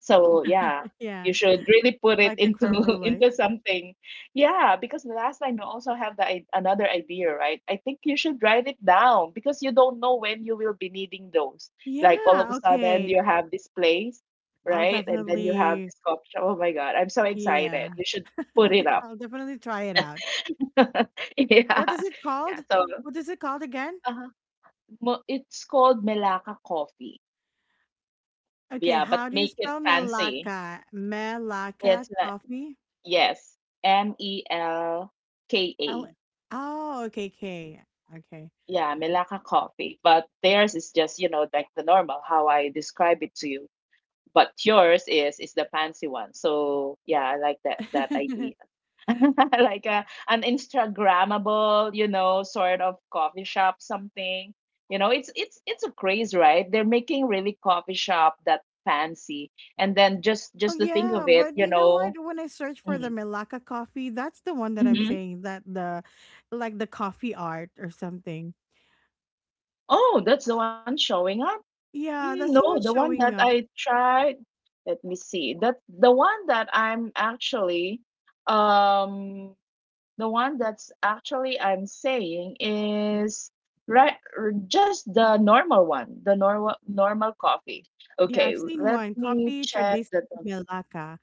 B: So yeah,
A: yeah
B: you should really put it
A: like the
B: into
A: creme brulee
B: into something. Yeah, because the last time you also have the another idea, right? I think you should write it down, because you don't know when you will be needing those. Like all of
A: yeah
B: a sudden
A: okay
B: you have this place,
A: I'll
B: right? And then you have
A: definitely
B: this coffee shop. Oh my God, I'm so
A: yeah
B: excited. You should put it up.
A: I'll definitely try it out
B: Yeah.
A: what is it
B: Yeah.
A: called
B: So
A: what is it called again.
B: uh, it's called Melaka Coffee.
A: Okay,
B: Yeah, but
A: how do you
B: make it
A: spell
B: fancy.
A: Melaka? Melaka
B: It's not,
A: coffee?
B: yes,
A: L-
B: MELKA.
A: oh, okay, K. Okay.
B: Yeah, Melaka Coffee, but theirs is just, you know, like the normal, how I describe it to you. But yours is the fancy one. So yeah, I like that that idea. Like a an Instagrammable, you know, sort of coffee shop something. You know, it's a craze, right? They're making really coffee shop that fancy. And then just
A: Oh
B: just to think
A: yeah,
B: of it,
A: but
B: you
A: you know what?
B: know.
A: When I search for the
B: Mm-hmm.
A: Melaka coffee, that's the one that I'm
B: Mm-hmm.
A: saying that the like the coffee art or something.
B: Oh, that's the one showing up.
A: Yeah,
B: Mm,
A: that's the
B: no,
A: one
B: the one
A: showing
B: that
A: up.
B: I tried, let me see. That the one that I'm actually um the one that's actually I'm saying is right, just the normal one, the normal normal coffee.
A: Yeah,
B: Okay,
A: I've seen
B: let
A: one
B: me
A: copy
B: check the
A: traditional Melaka,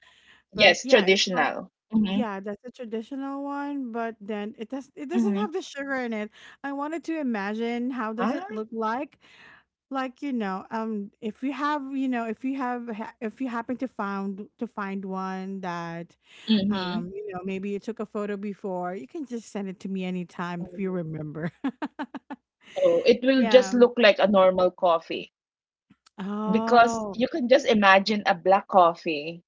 A: but
B: yes,
A: yeah, it's like
B: traditional. Mm-hmm.
A: yeah, that's a traditional one, but then it doesn't
B: Mm-hmm.
A: have the sugar in it. I wanted to imagine how does
B: Ah,
A: it look like you know if you have you know if you have if you happen to found to find one that
B: mm-hmm.
A: you know maybe you took a photo before you can just send it to me anytime if you remember
B: Oh, it will
A: yeah
B: just look like a normal coffee because
A: oh
B: you can just imagine a black coffee,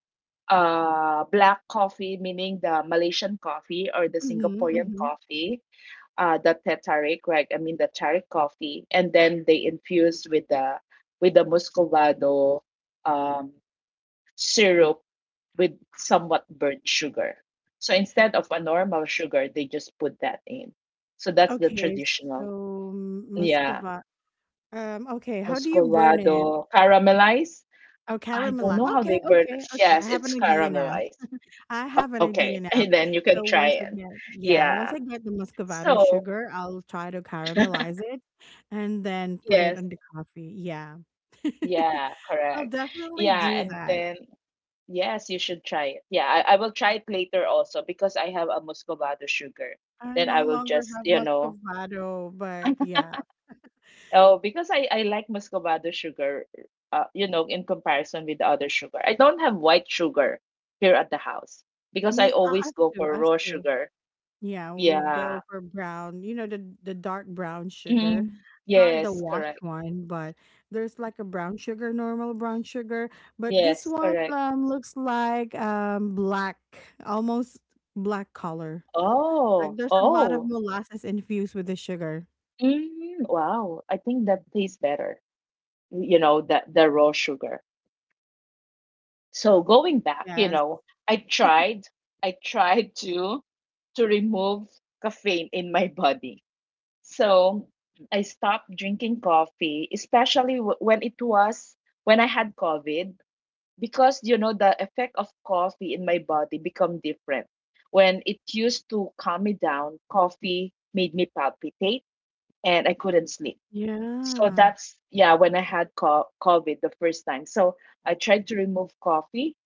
B: black coffee, meaning the Malaysian coffee or the
A: mm-hmm,
B: Singaporean
A: mm-hmm.
B: coffee, the teh tarik, right? I mean the tarik coffee, and then they infused with the muscovado um, syrup with somewhat burnt sugar. So instead of a normal sugar, they just put that in. So that's the
A: Okay
B: traditional.
A: so
B: Yeah,
A: muscova okay how do you burn it
B: muscovado caramelized.
A: oh
B: I don't
A: caramelize
B: know how they
A: okay
B: burn.
A: okay okay I
B: Yes,
A: have an
B: it's
A: idea now.
B: caramelized.
A: I have an
B: Okay,
A: idea
B: and
A: now.
B: then you can
A: So
B: try it.
A: once I get, yeah,
B: Yeah.
A: once I get the Muscovado
B: So,
A: sugar, I'll try to caramelize it and then put it
B: yes,
A: on the coffee. Yeah.
B: yeah,
A: I'll
B: correct.
A: definitely
B: Yeah,
A: do
B: and
A: that.
B: then yes, you should try it. Yeah, I will try it later also because I have a muscovado sugar.
A: I
B: Then
A: no
B: I will
A: longer
B: just,
A: have
B: you know,
A: Muscovado, but yeah,
B: oh, because I like muscovado sugar, you know, in comparison with the other sugar. I don't have white sugar here at the house because I
A: me,
B: always
A: us
B: go
A: too,
B: for
A: us
B: raw
A: too.
B: sugar.
A: Yeah, we
B: Yeah.
A: go for brown, you know, the dark brown sugar,
B: Mm,
A: not the
B: yes, correct.
A: washed one, but there's like a brown sugar, normal brown sugar, but this
B: Yes,
A: one
B: correct.
A: looks like black, almost black color. Like
B: Oh,
A: there's a lot of
B: oh,
A: molasses infused with the sugar.
B: mm, wow. I think that tastes better, you know, the raw sugar. So going back, you
A: Yes.
B: know, I tried, I tried to remove caffeine in my body. So I stopped drinking coffee, especially when it was when I had COVID, because you know the effect of coffee in my body become different. When it used to calm me down, coffee made me palpitate and I couldn't sleep. So
A: Yeah.
B: that's yeah when I had COVID the first time. So I tried to remove coffee,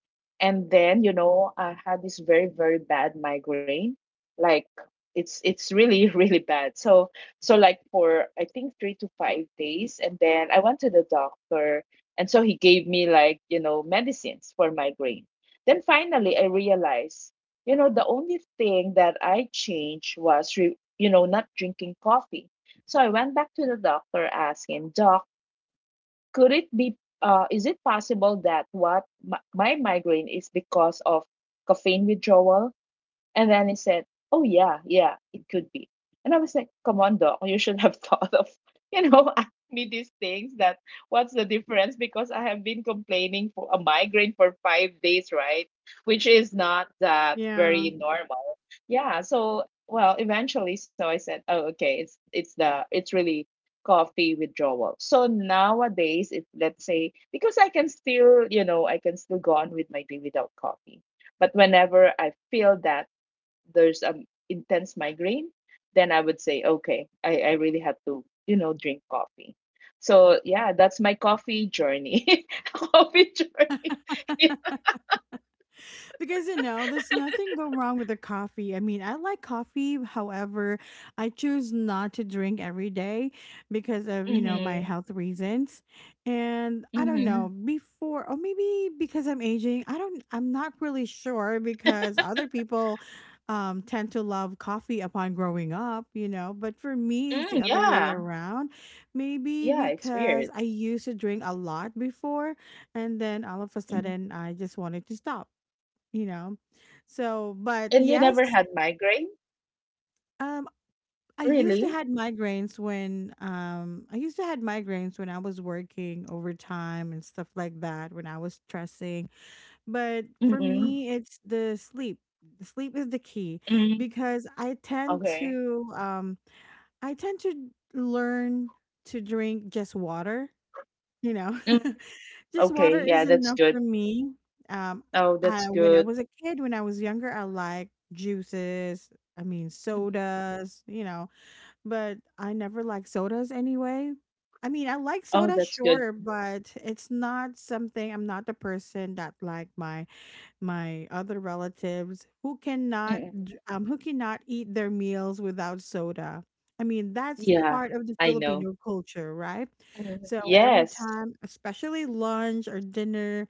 B: and then you know I had this very bad migraine, like it's really really bad. So so like for I think 3 to 5 days, and then I went to the doctor, and so he gave me like you know medicines for migraine. Then finally I realized you know the only thing that I changed was you know not drinking coffee, so I went back to the doctor, asked him, Doc, could it be, is it possible that what my migraine is because of caffeine withdrawal? And then he said, oh, yeah, yeah, it could be. And I was like, come on, Doc, you should have thought of, you know, ask me these things that what's the difference? Because I have been complaining for a migraine for 5 days, right? Which is not that
A: Yeah.
B: very normal. Yeah. So, well, eventually, so I said, oh, okay, it's really coffee withdrawal. So nowadays, it, let's say, because I can still, you know, I can still go on with my day without coffee. But whenever I feel that there's an intense migraine, then I would say, okay, I really have to, you know, drink coffee. So yeah, that's my coffee journey. Coffee journey.
A: Because you know there's nothing go wrong with the coffee I mean I like coffee however I choose not to drink every day because of you know my
B: Mm-hmm.
A: health reasons and I don't know
B: Mm-hmm.
A: before or maybe because I'm aging I don't I'm not really sure because other people tend to love coffee upon growing up you know but for me it's the
B: Mm,
A: other way
B: yeah.
A: around maybe
B: Yeah, it's
A: because
B: weird.
A: I used to drink a lot before and then all of a
B: Hmm.
A: sudden I just wanted to stop you know. So, but
B: And you never had
A: yes,
B: migraine?
A: um, I used to
B: Really?
A: had migraines when I used to had migraines when I was working overtime and stuff like that when I was stressing. But for
B: Mm-mm.
A: me, it's the sleep. The Sleep is the key
B: Mm.
A: because
B: Okay.
A: I tend to learn to drink just water. You know,
B: Mm.
A: Just water
B: Okay. Yeah,
A: is
B: that's
A: enough
B: good.
A: for me. Um,
B: Oh, that's
A: I, when I
B: good.
A: was a kid, when I was younger, I liked juices. I mean,
B: Mhm.
A: sodas, you know, but I never liked sodas anyway. I mean, I like
B: Oh,
A: soda,
B: that's good.
A: sure, but it's not something. I'm not the person that like my other relatives who cannot
B: Mm-mm.
A: who cannot eat their meals without soda. I mean, that's
B: Yeah,
A: part of the
B: I know.
A: Filipino culture, right?
B: Mhm.
A: So every
B: Yes.
A: time, especially lunch or dinner,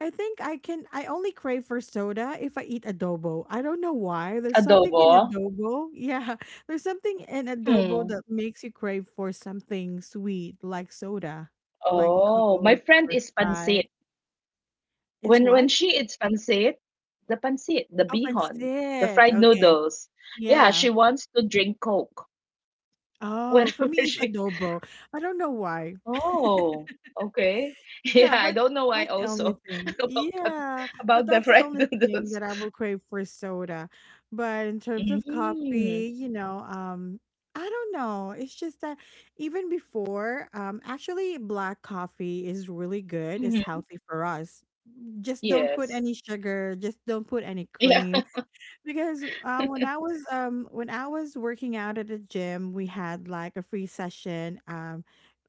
A: I think I can I only crave for soda if I eat adobo. I don't know why. There's something
B: Adobo.
A: in adobo. Yeah, there's something in adobo
B: Hmm.
A: that makes you crave for something sweet like soda, like
B: Oh, my
A: Coke
B: friend
A: or
B: is
A: Sprite.
B: pancit.
A: It's
B: When
A: what?
B: she eats pancit, the
A: Oh,
B: bihon, the
A: Pancit.
B: fried
A: Okay.
B: noodles. Yeah,
A: Yeah.
B: she wants to drink Coke
A: Oh, for
B: whenever
A: me it's
B: she.
A: adobo. I don't know why.
B: Oh, okay. Yeah,
A: Yeah,
B: I
A: but
B: don't know why
A: that's the only
B: also
A: thing.
B: about
A: Yeah, but
B: about the
A: that's the
B: fried
A: only thing
B: noodles.
A: that I will crave for soda. But in terms of
B: Mm.
A: coffee, I don't know. It's just that even before, actually, black coffee is really good. It's
B: Hmm.
A: healthy for us. Just don't put
B: Yes.
A: any sugar. Just don't put any
B: Yeah.
A: cream. Because when I was working out at the gym, we had like a free session.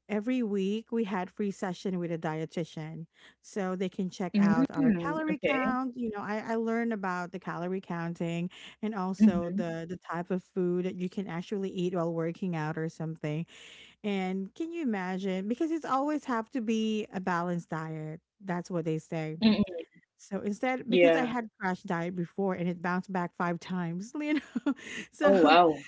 A: Every week we had free session with a dietitian, so they can check out our
B: Mm.
A: calorie
B: Okay.
A: count. You know, I learned about the calorie counting and also
B: Mm-hmm.
A: the type of food that you can actually eat while working out or something. And can you imagine? Because it's always have to be a balanced diet. That's what they say
B: Mm-hmm.
A: so instead, because I
B: Yeah.
A: had crash diet before and it bounced back five times, So
B: Oh,
A: so
B: wow.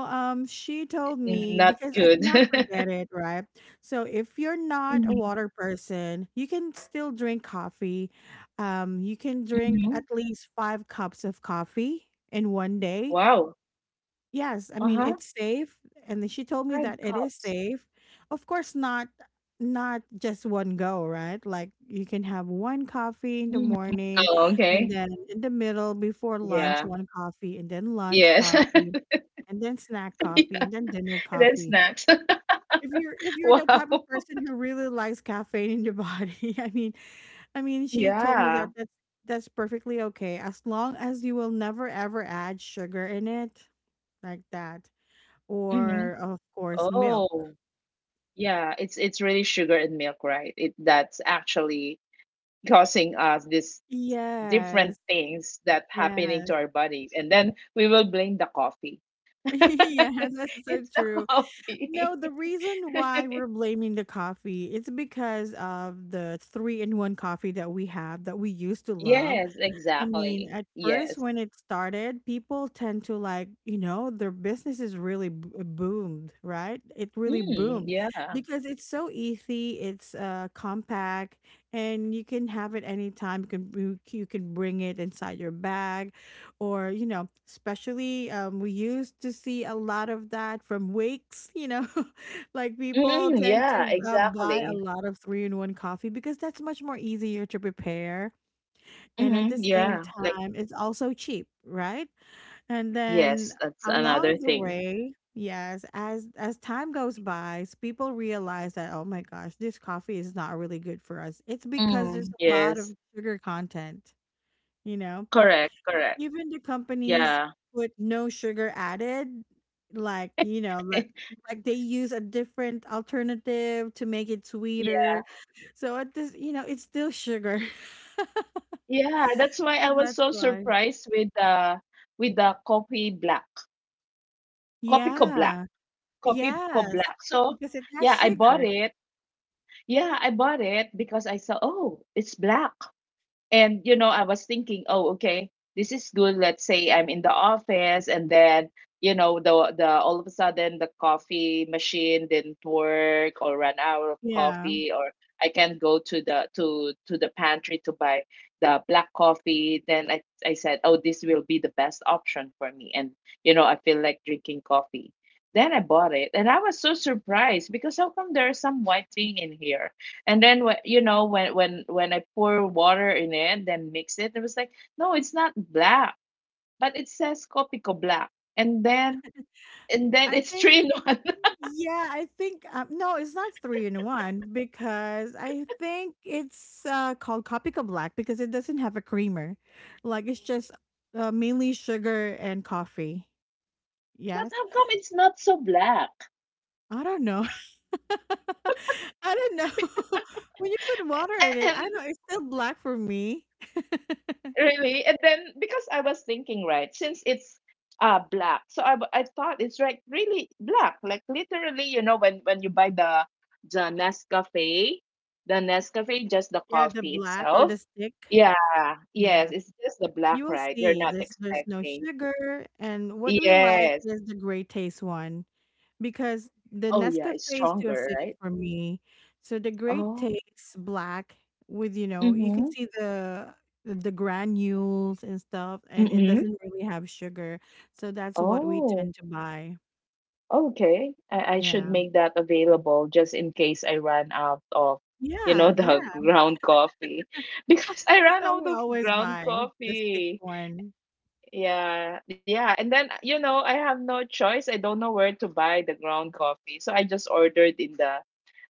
A: she told
B: N-
A: me
B: Not
A: because I
B: good.
A: cannot forget it, right? So if you're not a water person, you can still drink coffee. You can drink
B: Mm-hmm.
A: at least five cups of coffee in one day.
B: Wow.
A: Yes, I mean
B: Uh-huh,
A: it's safe, and then she told me that it
B: 5
A: is safe.
B: cups.
A: Of course, not just one go, right? Like you can have one coffee in the
B: Mhm.
A: morning,
B: Oh,
A: and
B: okay.
A: then in the middle before
B: Yeah.
A: lunch, one coffee, and then lunch
B: Yes.
A: coffee, and then snack coffee,
B: Yeah,
A: and then dinner
B: and then
A: coffee.
B: snacks.
A: If you're the
B: Wow.
A: type of person who really likes caffeine in your body, I mean, she told me that
B: Yeah.
A: that's perfectly okay as long as you will never ever add sugar in it like that
B: Mhm.
A: or of course milk.
B: Oh, yeah, it's really sugar and milk, right? It that's actually causing us these different
A: Yes,
B: things that happening to
A: yes.
B: our bodies. And then we will blame the coffee.
A: yes, that's so
B: It's the
A: true.
B: coffee.
A: No, the reason why we're blaming the coffee, it's because of the three in one coffee that we have that we used to love.
B: Yes,
A: I mean,
B: exactly.
A: at first
B: Yes.
A: when it started, people tend to like, you know, their business is really boomed, right? It really
B: Mm,
A: boomed
B: yeah.
A: because it's so easy, it's compact and you can have it anytime. You can you can bring it inside your bag or, you know, especially we used to see a lot of that from Wakes, you know. like people
B: Mm,
A: tend
B: yeah,
A: to buy a
B: exactly.
A: lot of 3-in-1 coffee because that's much more easier to prepare and at the
B: Mhm,
A: same
B: yeah, like
A: time, it's also cheap, right? And then
B: yes, that's another
A: along the
B: thing.
A: way, yes, as time goes by, s- people realize that oh my gosh, this coffee is not really good for us. It's because there's
B: Mm.
A: a lot of
B: Yes,
A: sugar content, you know.
B: correct, correct.
A: Even the companies
B: Yeah.
A: put no sugar added, like, you know, like they use a different alternative to make it sweeter.
B: Yeah,
A: So at this, you know, it's still sugar.
B: yeah, that's why
A: So
B: I was
A: that's
B: so
A: why.
B: surprised with the Kopi Black. Kopi co Black.
A: Yeah.
B: Kopi co
A: Yes,
B: Black. So,
A: because it has
B: yeah, I bought
A: sugar.
B: it. Yeah, I bought it because I saw, oh, it's black. And you know, I was thinking, oh, okay, this is good. Let's say I'm in the office, and then you know, the all of a sudden the coffee machine didn't work, or ran out of
A: Yeah.
B: coffee, or I can't go to the to the pantry to buy the black coffee. Then I said, oh, this will be the best option for me, and I feel like drinking coffee. Then I bought it, and I was so surprised because how come there is some white thing in here? And then when you know when I pour water in it, then mix it, it was like, no, it's not black, but it says Copico black. And then and then
A: I
B: it's
A: think
B: three in one.
A: yeah, I think no, it's not three in one because I think it's called Copica Black because it doesn't have a creamer. Like it's just mainly sugar and coffee.
B: But
A: Yes.
B: how come it's not so black?
A: I don't know. I don't know. when you put water in
B: And
A: it, I don't know it's still black for me.
B: really? And then because I was thinking, right, since it's black, so I thought it's like really black, like literally, you know, when you buy the Nescafe, the Nescafe, just the
A: Yeah, the
B: coffee
A: black or
B: itself.
A: the stick.
B: Yeah, yes,
A: Yeah.
B: it's just the
A: You
B: black,
A: will
B: right? You're
A: see
B: not
A: there's no
B: expecting.
A: sugar and what we like
B: Yes.
A: is the gray taste one because the
B: Oh yeah,
A: Nescafe
B: it's
A: is too
B: stronger,
A: acidic
B: right?
A: for me. So the gray
B: Oh.
A: tastes black with you know, you can
B: Mm-hmm.
A: see the granules and stuff and it
B: Mm-hmm.
A: doesn't really have sugar. So that's what we
B: Oh.
A: tend to buy.
B: Okay, I should
A: Yeah.
B: make that available just in case I run out of, you
A: Yeah,
B: know, the
A: yeah.
B: ground coffee. Because I
A: That's
B: ran
A: what
B: out
A: we
B: of
A: always
B: ground
A: buy, the stick
B: coffee.
A: one.
B: Yeah, yeah. And then, you know, I have no choice. I don't know where to buy the ground coffee. So I just ordered in the,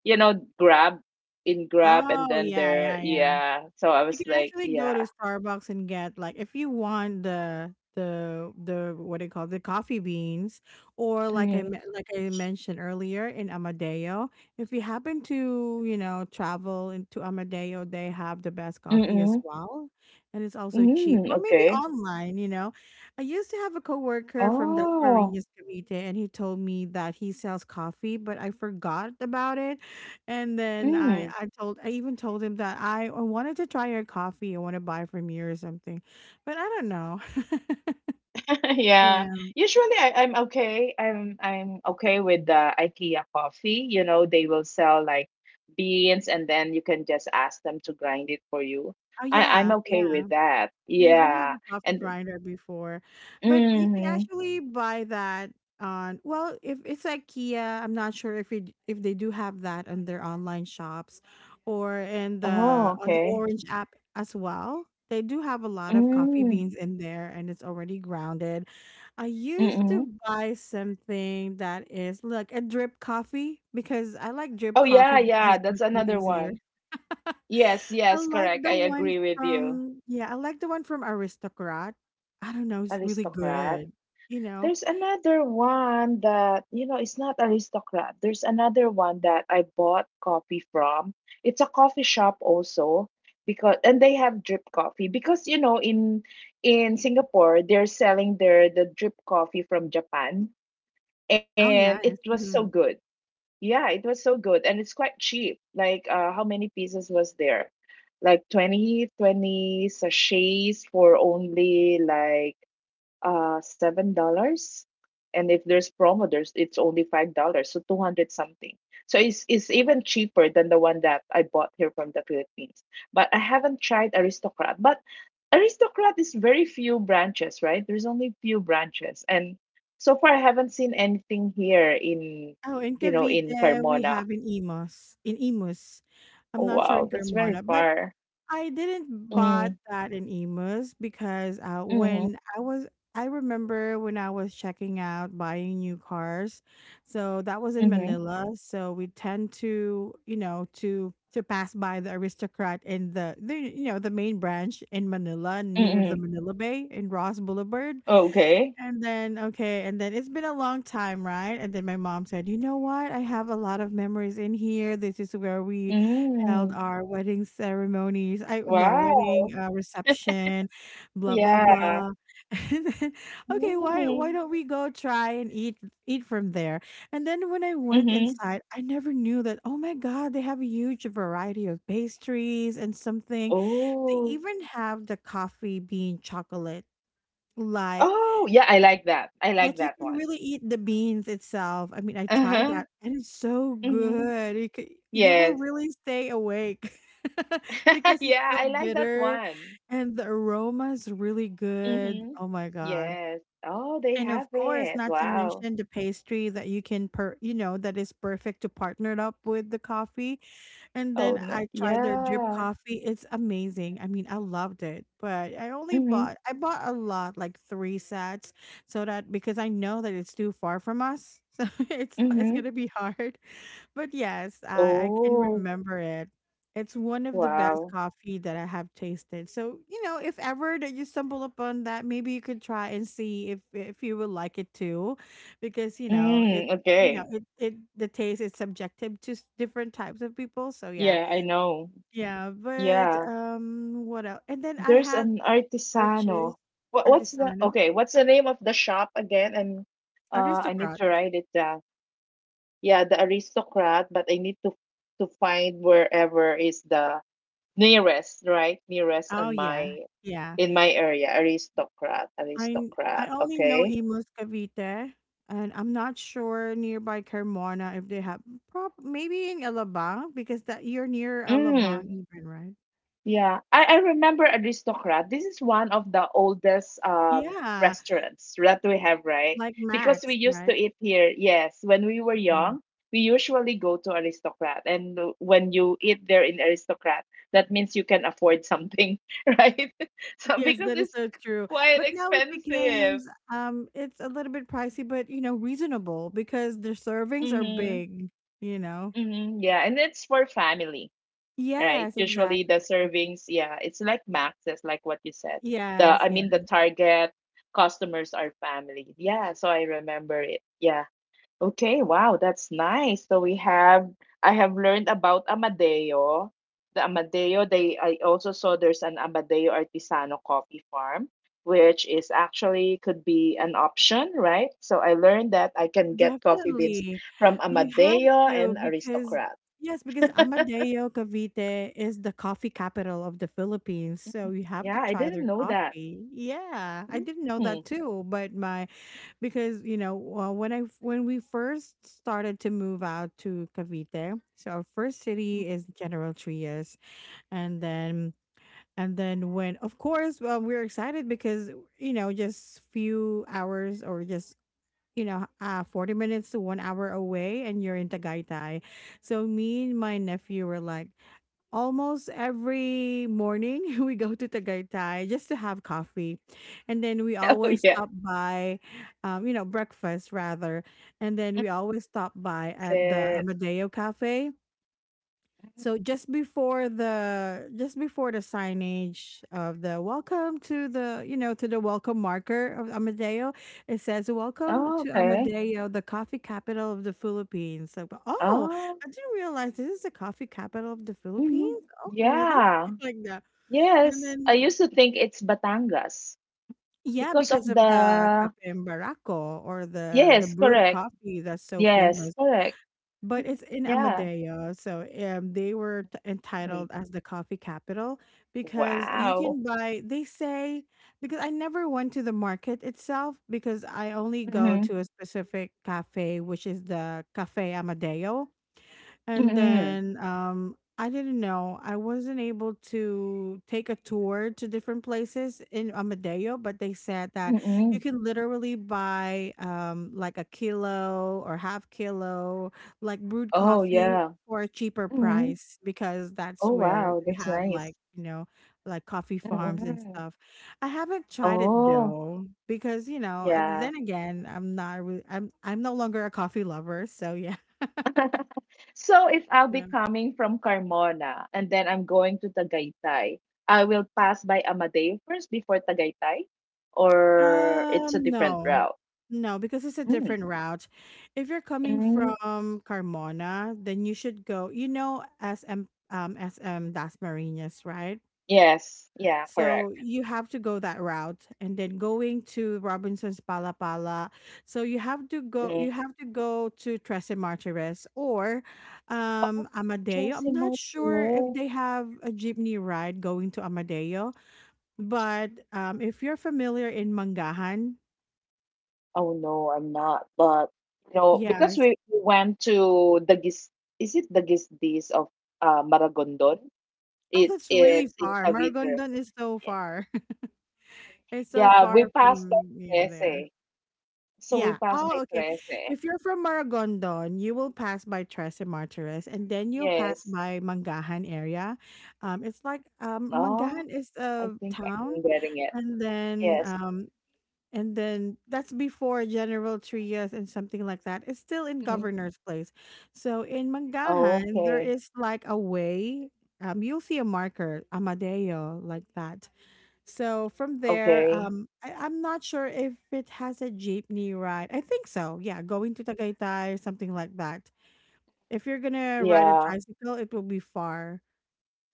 B: you know, Grab, in Grab, and
A: Oh,
B: then
A: yeah,
B: there,
A: yeah, yeah.
B: yeah. So I
A: You
B: was
A: can
B: like,
A: actually go to
B: yeah.
A: Starbucks and get like if you want the what do you call the coffee beans or
B: Mm-hmm.
A: like I mentioned earlier in Amadeo. If you happen to you know travel into Amadeo, they have the best coffee as
B: Mm-hmm.
A: well, and it's also cheap.
B: Mm-hmm.
A: Or maybe
B: Okay.
A: online. You know, I used to have a coworker from
B: Oh.
A: Dasmariñas, Cavite, and he told me that he sells coffee, but I forgot about it and then I told, I even told him that I wanted to try your coffee. I want to buy from you or something, but I don't know.
B: Yeah.
A: yeah.
B: Usually I'm okay. I'm okay with the IKEA coffee. You know, they will sell like beans and then you can just ask them to grind it for you.
A: Oh
B: I'm
A: yeah.
B: okay
A: Yeah.
B: with that.
A: We even have
B: Yeah.
A: a coffee
B: And
A: grinder before, but you can
B: mm-hmm.
A: actually buy that on well, if it's IKEA, I'm not sure if it, if they do have that on their online shops or in
B: Oh,
A: the on the
B: okay.
A: Orange app as well. They do have a lot of coffee
B: Mm,
A: beans in there and it's already grounded. I used
B: mm-hmm.
A: to buy something that is like a drip coffee because I like drip
B: Oh yeah,
A: coffee because
B: yeah.
A: it's
B: That's
A: much more
B: another
A: easier.
B: one. Yes,
A: I
B: yes,
A: like
B: correct.
A: the
B: I
A: one
B: agree with you.
A: from yeah, I like the one from Aristocrat. I don't know, it's really
B: Aristocrat.
A: good. You know?
B: There's another one that, you know, it's not aristocrat. There's another one that I bought coffee from. It's a coffee shop also because and they have drip coffee because you know in Singapore they're selling the drip coffee from Japan
A: Oh,
B: and it
A: nice.
B: was so
A: Mhm.
B: good. Yeah, it was so good and it's quite cheap. Like how many pieces was there? Like 20 sachets for only like $7, and if there's promo there's it's only $5, so 200 something. So it's even cheaper than the one that I bought here from the Philippines. But I haven't tried Aristocrat. But Aristocrat is very few branches, right? There's only few branches, and so far I haven't seen anything here in
A: Oh, in
B: you know in
A: Cavite, we
B: Carmona.
A: have in Imus, in Imus. I'm
B: Oh
A: not sure in
B: wow, that's very
A: Carmona, but
B: far.
A: I didn't bought
B: Mm,
A: that in Emus because
B: mm-hmm,
A: when I was, I remember when I was checking out buying new cars. So that was in
B: mm-hmm,
A: Manila. So we tend to, you know, to pass by the Aristocrat in the you know the main branch in Manila near the
B: mm-hmm.
A: Manila Bay in Ross Boulevard.
B: Okay.
A: And then okay, and then it's been a long time, right? And then my mom said, "You know what? I have a lot of memories in here. This is where we held
B: Mm,
A: our wedding ceremonies. I no
B: wow.
A: wedding reception, blah blah
B: Yeah.
A: blah." And then, okay,
B: Mm.
A: why don't we go try and eat eat from there? And then when I went
B: Mhm.
A: inside, I never knew that. Oh my God, they have a huge variety of pastries and something. They
B: Oh.
A: even have the coffee bean chocolate like
B: Oh, yeah, I like that. I like
A: like, you
B: that
A: can
B: one.
A: really eat the beans itself. I mean, I tried
B: Uh-huh.
A: that, and it's so
B: Mhm.
A: good. You will
B: Yes.
A: really stay awake because it's
B: Yeah,
A: so
B: I like that
A: bitter,
B: one.
A: and the aroma is really good.
B: Mhm.
A: Oh my god.
B: Yes. Oh, they
A: And
B: have
A: of course,
B: it.
A: not to
B: Wow.
A: mention the pastry that you know, that is perfect to partner it up with the coffee. And
B: Oh,
A: then
B: no.
A: I tried their drip
B: Yeah.
A: coffee. It's amazing. I mean, I loved it, but
B: Mhm.
A: I bought a lot, like three sets, so that because I know that it's too far from us. So it's
B: Mhm.
A: gonna be hard. But yes, I can
B: Oh,
A: remember it. It's one of the best
B: wow.
A: coffee that I have tasted. So, you know, if ever that you stumble upon that, maybe you could try and see if you would like it too, because you know it.
B: Mm,
A: You know,
B: okay.
A: it the taste is subjective to s- different types of people. So yeah,
B: Yeah, I know.
A: yeah. But
B: Yeah.
A: what else? And then I
B: There's
A: had
B: an artisano.
A: purchased
B: What what's the
A: Artisano,
B: okay, what's the name of the shop again? And I need
A: Aristocrat.
B: to write it down. Yeah, the aristocrat, but I need to find wherever is the nearest, right? Nearest
A: Oh
B: on
A: yeah,
B: my
A: yeah.
B: in my area, aristocrat,
A: I
B: aristocrat.
A: only know
B: Okay.
A: Imus Cavite, and I'm not sure nearby Carmona if they have prob maybe in Alabang because that you're near
B: Mm.
A: Alabang even, right?
B: Yeah, I remember Aristocrat. This is one of the oldest
A: Yeah,
B: restaurants that we have, right?
A: like
B: Because we
A: Max,
B: used to
A: right?
B: eat here. Yes, when we were
A: Yeah.
B: young, we usually go to Aristocrat, and when you eat there in Aristocrat, that means you can afford something, right? So
A: Yes,
B: because
A: that is
B: it's
A: so true.
B: quite
A: But now it
B: expensive.
A: becomes it's a little bit pricey but you know reasonable because their servings are
B: Mm-hmm.
A: big, you know.
B: Mm-hmm. Yeah, and it's for family. Right?
A: Yes,
B: Usually
A: exactly.
B: the servings, yeah, it's like maxes, like what you said. The
A: Yes,
B: I mean the target customers are family. Yeah, so I remember it. Yeah. Okay, wow, that's nice. So we have I have learned about Amadeo. The Amadeo, they I also saw there's an Amadeo Artisano coffee farm, which is actually could be an option, right? So I learned that I can get coffee beans
A: Definitely.
B: from
A: You have
B: Amadeo
A: to
B: and
A: because
B: Aristocrat.
A: yes, because Amadeo Cavite is the coffee capital of the Philippines. So you have
B: Yeah,
A: to
B: I
A: try
B: didn't
A: their
B: know that.
A: coffee. Yeah, I didn't know
B: Hmm.
A: that too, but my because you know, when I when we first started to move out to Cavite, so our first city is General Trias and then and then when of course well, we're excited because you know just few hours or just you know, 40 minutes to one hour away and you're in Tagaytay. So me and my nephew were like, almost every morning we go to Tagaytay just to have coffee. And then we
B: Oh,
A: always
B: yeah.
A: stop by, you know, breakfast rather. And then we always stop by
B: Is
A: at the
B: it?
A: Amadeo Cafe so just before the signage of the welcome to the you know to the welcome marker of Amadeo, it says welcome
B: Oh,
A: to
B: okay.
A: Amadeo, the coffee capital of the Philippines. Like, oh,
B: Oh,
A: I didn't realize this is the coffee capital of the
B: mhm.
A: Philippines. Oh, really?
B: Yeah.
A: like that. And
B: Yes. I
A: then
B: used to think it's Batangas
A: yeah,
B: because of
A: because of the
B: the.
A: kape barako or the
B: Yes,
A: brewed
B: correct.
A: coffee that's so
B: Yes,
A: famous.
B: correct.
A: But
B: Mhm.
A: it's in
B: Yeah.
A: Amadeo. So they were
B: Mm.
A: entitled as the coffee capital because you
B: Wow.
A: can buy, they say, because I never went to the market itself because I only go
B: Mm-hmm.
A: to a specific cafe, which is the Cafe Amadeo. And
B: Mm-hmm.
A: then I didn't know. I wasn't able to take a tour to different places in Amadeo, but they said that
B: Mm-hmm.
A: you can literally buy like a kilo or half kilo like brewed
B: Oh,
A: coffee
B: yeah.
A: for a cheaper
B: Mm-hmm.
A: price because that's
B: Oh,
A: where
B: wow.
A: they
B: That's
A: have
B: nice.
A: like, like coffee farms and
B: Mm-hmm.
A: stuff. I haven't tried it
B: Oh,
A: though because, you know,
B: yeah.
A: then again, I'm not really I'm no longer a coffee lover, so yeah.
B: So if I'll be coming from Carmona and then I'm going to Tagaytay, I will pass by Amadeo first before Tagaytay, or it's a different
A: No.
B: route.
A: No, because it's a
B: Mm.
A: different route. If you're coming
B: Mm.
A: from Carmona, then you should go, you know, SM SM Das Marinas, right?
B: Yes, yeah, correct.
A: So you have to go that route and then going to Robinson's Palapala. So you have to go
B: Mm.
A: to Tres Martires or
B: Oh,
A: Amadeo.
B: Jose
A: I'm not sure if
B: Martirez.
A: they have a jeepney ride going to Amadeo, but if you're familiar in Mangahan.
B: Oh no, I'm not. But you know, because
A: Yes.
B: we went to the gis is it the Gisdis of Maragondon?
A: Oh,
B: It
A: that's really
B: it's in
A: far.
B: Cavite.
A: Maragondon is so
B: Yeah,
A: far. It's so
B: yeah. We
A: far
B: passed by
A: from, yeah, there.
B: Trece. So we
A: Yeah.
B: passed by
A: Oh, okay.
B: Trece.
A: If you're from Maragondon, you will pass by Tres Martires and then you'll pass
B: Yes.
A: by Mangahan area. It's like
B: Oh,
A: Mangahan is
B: I
A: a
B: think I'm
A: town,
B: getting it.
A: and then
B: Yes.
A: and then that's before General Trias and something like that. It's still in
B: Mhm.
A: governor's place. So in
B: Oh,
A: Mangahan, there
B: okay.
A: is like a way. You'll see a marker, Amadeo, like that. So from there,
B: Okay.
A: I'm not sure if it has a jeepney ride. I think so. Yeah, going to Tagaytay or something like that. If you're gonna ride a
B: Yeah.
A: tricycle, it will be far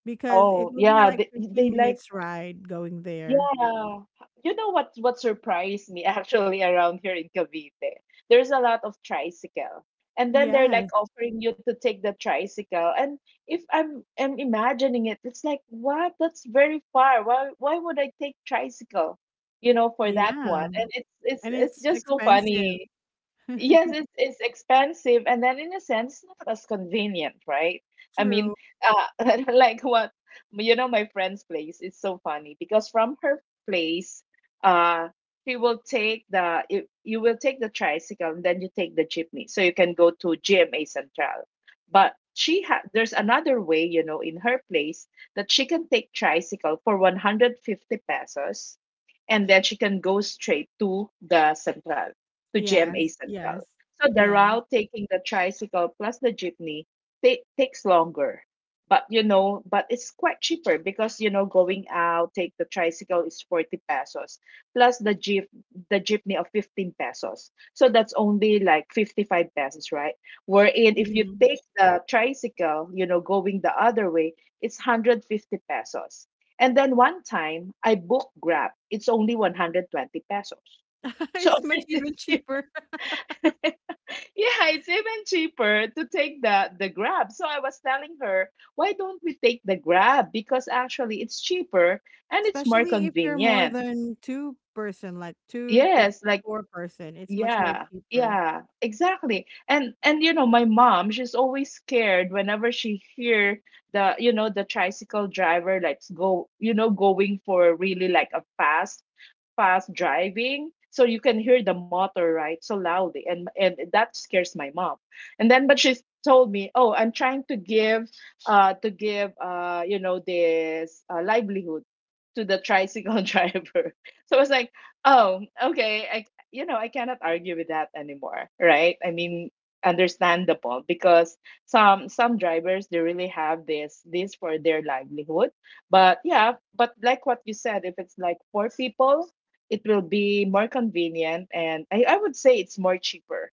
A: because it
B: Oh,
A: will be
B: yeah.
A: like 15
B: They like
A: minutes ride going there.
B: yeah. You know what surprised me actually around here in Cavite? There's a lot of tricycle. And then they're like
A: Yes,
B: offering you to take the tricycle. And if I'm imagining it, it's like, what? That's very far. Why would I take tricycle? You know, for that one.
A: yeah.
B: And it's
A: And
B: it's
A: it's
B: just so
A: expensive.
B: funny. Yes, it's expensive, and then in a sense not as convenient, right? I mean,
A: True.
B: like what you know, my friend's place. It's so funny because from her place, uh, she will take the you will take the tricycle, and then you take the jeepney, so you can go to GMA Central. But she had there's another way, you know, in her place that she can take tricycle for 150 pesos, and then she can go straight to the Central, to GMA
A: Yes,
B: Central.
A: yes,
B: So the
A: yes.
B: route taking the tricycle plus the jeepney ta- takes longer. But you know, but it's quite cheaper because you know going out take the tricycle is 40 pesos plus the jeepney of 15 pesos. So that's only like 55 pesos, right? Wherein if you
A: Mhm.
B: take the tricycle, you know, going the other way, it's 150 pesos. And then one time, I booked Grab. It's only 120 pesos. So
A: It's much even
B: it's cheap.
A: cheaper,
B: Yeah, it's even cheaper to take the Grab. So I was telling her, why don't we take the Grab? Because actually it's cheaper and it's more
A: especially if you're more
B: convenient.
A: than two person, like two to
B: Yes, like
A: four person. It's much more
B: yeah.
A: cheaper.
B: Yeah, exactly. And you know, my mom, she's always scared whenever she hear the, you know, the tricycle driver like go, you know, going for really like a fast driving, so you can hear the motor right so loudly, and that scares my mom. And then but she's told me, oh, I'm trying to give you know this livelihood to the tricycle driver. So I was like, oh, okay, I you know, I cannot argue with that anymore, right? I mean, understandable because some drivers they really have this for their livelihood. But yeah, but like what you said, if it's like four people, it will be more convenient, and I would say it's more cheaper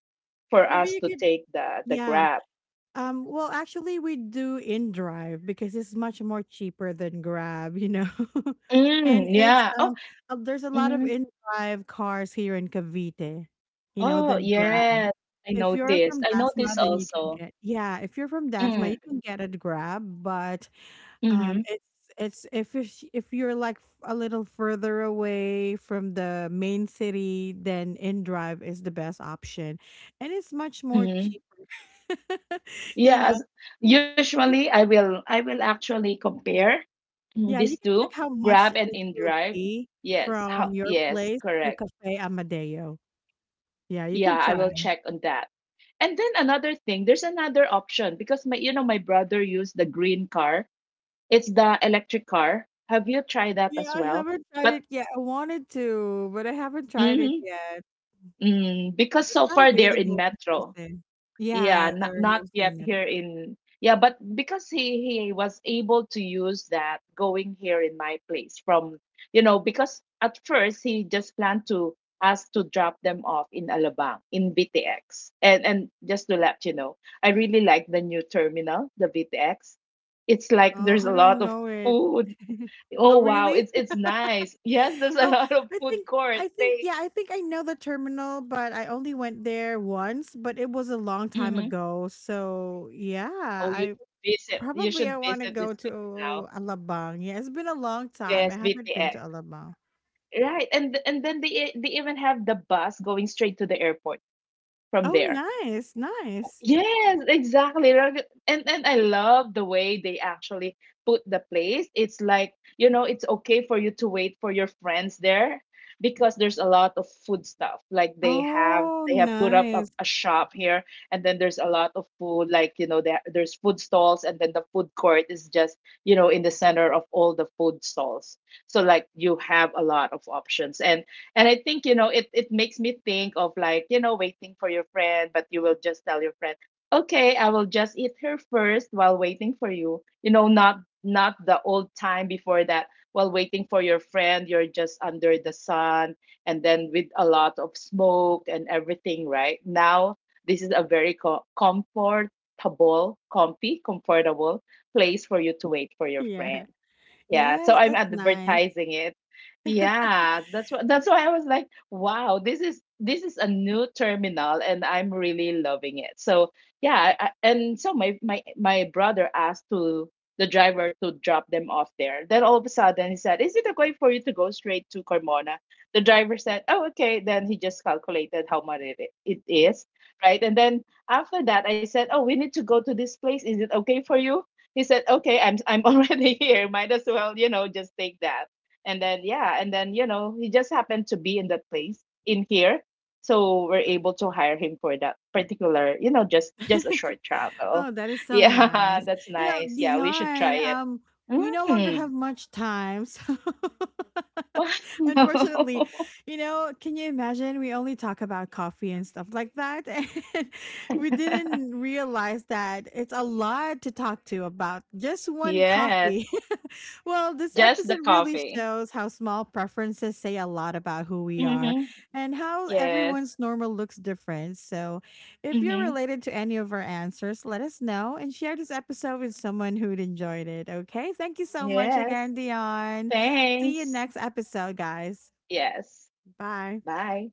B: for
A: Maybe
B: us
A: you
B: to
A: could,
B: take the
A: yeah.
B: Grab.
A: Well, actually, we do in drive because it's much more cheaper than Grab, you know. And
B: Mm,
A: it's
B: yeah. Oh,
A: there's a lot of
B: mm,
A: in drive cars here in Cavite, you know,
B: oh,
A: than Grab.
B: yes. I
A: If you're
B: noticed.
A: from
B: I
A: Dasma,
B: noticed
A: then you can
B: also.
A: get yeah, if you're from Dasma, you
B: Mm,
A: can get a Grab, but,
B: mm-hmm,
A: it's if it's if you're, like, f a little further away from the main city, then InDrive is the best option, and it's much more
B: mm-hmm.
A: cheaper. You know,
B: Yes.
A: you
B: Usually
A: can check.
B: I will actually compare mm,
A: Yeah,
B: these
A: you can
B: two,
A: check how
B: Grab
A: much it
B: and
A: will
B: InDrive.
A: be
B: Yes. How,
A: from your
B: yes,
A: place to
B: correct.
A: Cafe Amadeo. Yeah, you
B: Yeah,
A: can
B: I will
A: try.
B: check on that. And then another thing, there's another option because my you know my brother used the green car. It's the electric car. Have you tried that
A: Yeah,
B: as
A: I
B: well?
A: haven't tried
B: But
A: it yet. I wanted to, but I haven't tried it
B: mhm,
A: yet.
B: mm, because
A: It's
B: so
A: not
B: far they're in
A: available in
B: metro.
A: Presque. Yeah,
B: Yeah, not
A: they're
B: not
A: mostly
B: yet
A: in
B: here
A: Metro.
B: in. Yeah, but because he was able to use that going here in my place from, you know, because at first he just planned to ask to drop them off in Alabang in BTX. And just to let you know, I really like the new terminal, the BTX. It's like
A: Oh,
B: there's
A: I
B: a lot
A: don't
B: of
A: know it.
B: food
A: Oh,
B: oh wow,
A: really?
B: it's nice. Yes, there's a
A: Oh,
B: lot of
A: I
B: food
A: think
B: court.
A: I think
B: They
A: yeah, I think I know the terminal, but I only went there once, but it was a long time
B: mhm.
A: ago. So, yeah,
B: Oh, you
A: I
B: should visit. You
A: probably I
B: should
A: want to
B: visit this
A: go to
B: place now.
A: Alabang. Yeah, it's been a long time. I
B: Yes,
A: haven't been to
B: VTX.
A: Alabang.
B: Right, and then they even have the bus going straight to the airport from
A: Oh,
B: there.
A: nice. Nice.
B: Yes, exactly. Rag- and I love the way they actually put the place. It's like, you know, it's okay for you to wait for your friends there because there's a lot of food stuff. Like
A: Oh,
B: they have put up
A: nice.
B: a shop here, and then there's a lot of food, like, you know, there's food stalls, and then the food court is just, you know, in the center of all the food stalls. So like you have a lot of options. And I think, you know, it makes me think of like, you know, waiting for your friend, but you will just tell your friend, okay, I will just eat her first while waiting for you. You know, not not the old time before that, while waiting for your friend, you're just under the sun and then with a lot of smoke and everything, right? Now, this is a very comfortable place for you to wait for your friend.
A: Yeah.
B: Yeah, so
A: Yes,
B: I'm
A: that's nice.
B: advertising it. Yeah, that's what that's why I was like, wow, this is a new terminal and I'm really loving it. So, yeah, and so my brother asked to the driver to drop them off there. Then all of a sudden he said, "Is it okay for you to go straight to Carmona?" The driver said, "Oh, okay." Then he just calculated how much it is, right? And then after that I said, "Oh, we need to go to this place. Is it okay for you?" He said, "Okay, I'm I'm already here. Might as well, you know, just take that." And then yeah, and then you know, he just happened to be in that place in here, so we're able to hire him for that particular, you know, just a short travel.
A: Oh, that is so
B: Yeah,
A: nice.
B: that's
A: You know,
B: nice. Yeah, we should
A: Dion,
B: try it.
A: we no longer
B: Mm,
A: have much time. So
B: wow.
A: unfortunately, you know, can you imagine we only talk about coffee and stuff like that? And we didn't realize that it's a lot to talk to about just one
B: Yes,
A: coffee. Well, this
B: just the
A: episode really
B: coffee.
A: shows how small preferences say a lot about who we are
B: Mm-hmm.
A: and how
B: Yes.
A: everyone's normal looks different. So, if you're
B: Mm-hmm.
A: related to any of our answers, let us know and share this episode with someone who'd enjoyed it. Okay. Thank you so much
B: Yes.
A: again, Dion. See you
B: Thanks.
A: next episode, guys.
B: Yes.
A: Bye.
B: Bye.